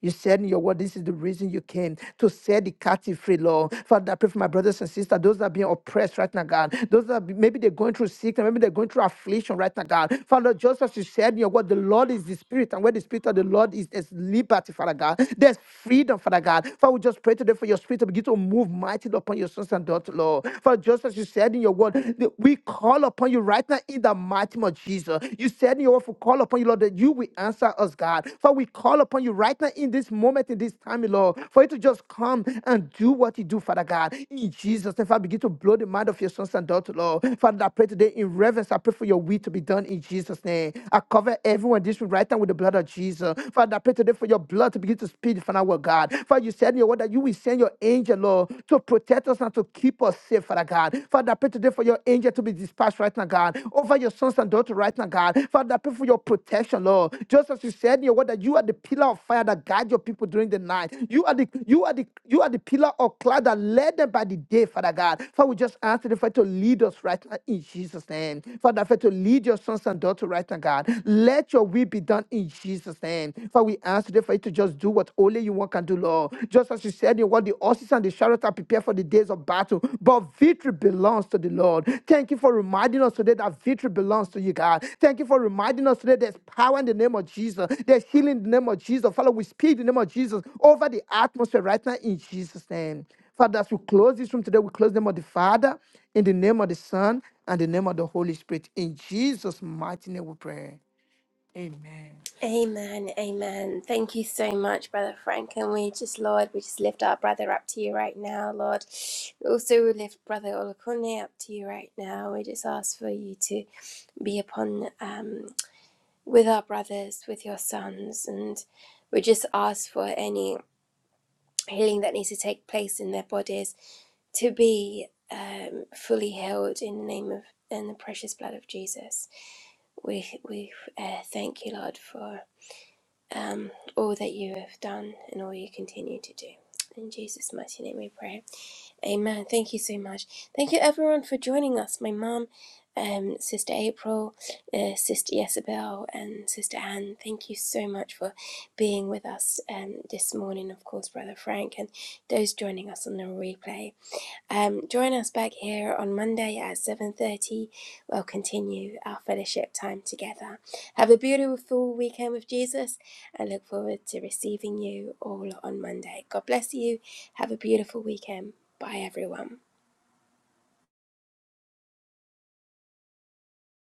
A: You said in your word, this is the reason you came to set the captive free, Lord. Father, I pray for my brothers and sisters, those that are being oppressed right now, God. Those that are, be- maybe they're going through sickness, maybe they're going through affliction right now, God. Father, just as you said in your word, the Lord is the Spirit, and where the Spirit of the Lord is, there's liberty, Father God. There's freedom, Father God. Father, we just pray today for your Spirit to begin to move mightily upon your sons and daughters, Lord. Father, just as you said in your word, the- we call upon you right now in the mighty name of Jesus answer. You said in your word to call upon you, Lord, that you will answer us, God. For we call upon you right now in this moment, in this time, Lord, for you to just come and do what you do, Father God. In Jesus' name, Father, begin to blow the mind of your sons and daughters, Lord. Father, I pray today in reverence. I pray for your will to be done in Jesus' name. I cover everyone in this room right now with the blood of Jesus. Father, I pray today for your blood to begin to speak, Father, our God. Father, you said in your word that you will send your angel, Lord, to protect us and to keep us safe today, Father God. Father, I pray today for your angel to be dispatched right now, God, over your sons and daughters right now, God. Father, I pray for your protection, Lord. Just as you said in your word that you are the pillar of fire that guide your people during the night. You are the you are the you are the pillar of cloud that led them by the day, Father God. Father, we just ask you, Father, to lead us right now in Jesus' name. Father, I pray to lead your sons and daughters right now, God. Let your will be done in Jesus' name. Father, we ask today for you to just do what only you one can do, Lord. Just as you said in what the horses and the chariots are prepared for the days of battle, but victory belongs to the Lord. Thank you for reminding us today that victory belongs to you, God. Thank you for reminding us today there's power in the name of Jesus, there's healing in the name of Jesus. Father, we speak the name of Jesus over the atmosphere right now in Jesus' name. Father, as we close this room today, we close in the name of the Father, in the name of the Son, and the name of the Holy Spirit. In Jesus' mighty name we pray. Amen.
B: Amen, amen. Thank you so much, Brother Frank. And we just, Lord, we just lift our brother up to you right now, Lord. Also, we lift Brother Olakune up to you right now. We just ask for you to be upon um, with our brothers, with your sons, and we just ask for any healing that needs to take place in their bodies to be um, fully healed in the name of and the precious blood of Jesus. We we uh, thank you, Lord, for. um, all that you have done and all you continue to do. In Jesus' mighty name we pray. Amen. Thank you so much. Thank you everyone for joining us. My mum, um, Sister April, uh, Sister Isabel, and Sister Anne, thank you so much for being with us um, this morning. Of course, Brother Frank, and those joining us on the replay. Um, join us back here on Monday at 7.30. We'll continue our fellowship time together. Have a beautiful weekend with Jesus and look forward to receiving you all on Monday. God bless you. Have a beautiful weekend. Bye, everyone.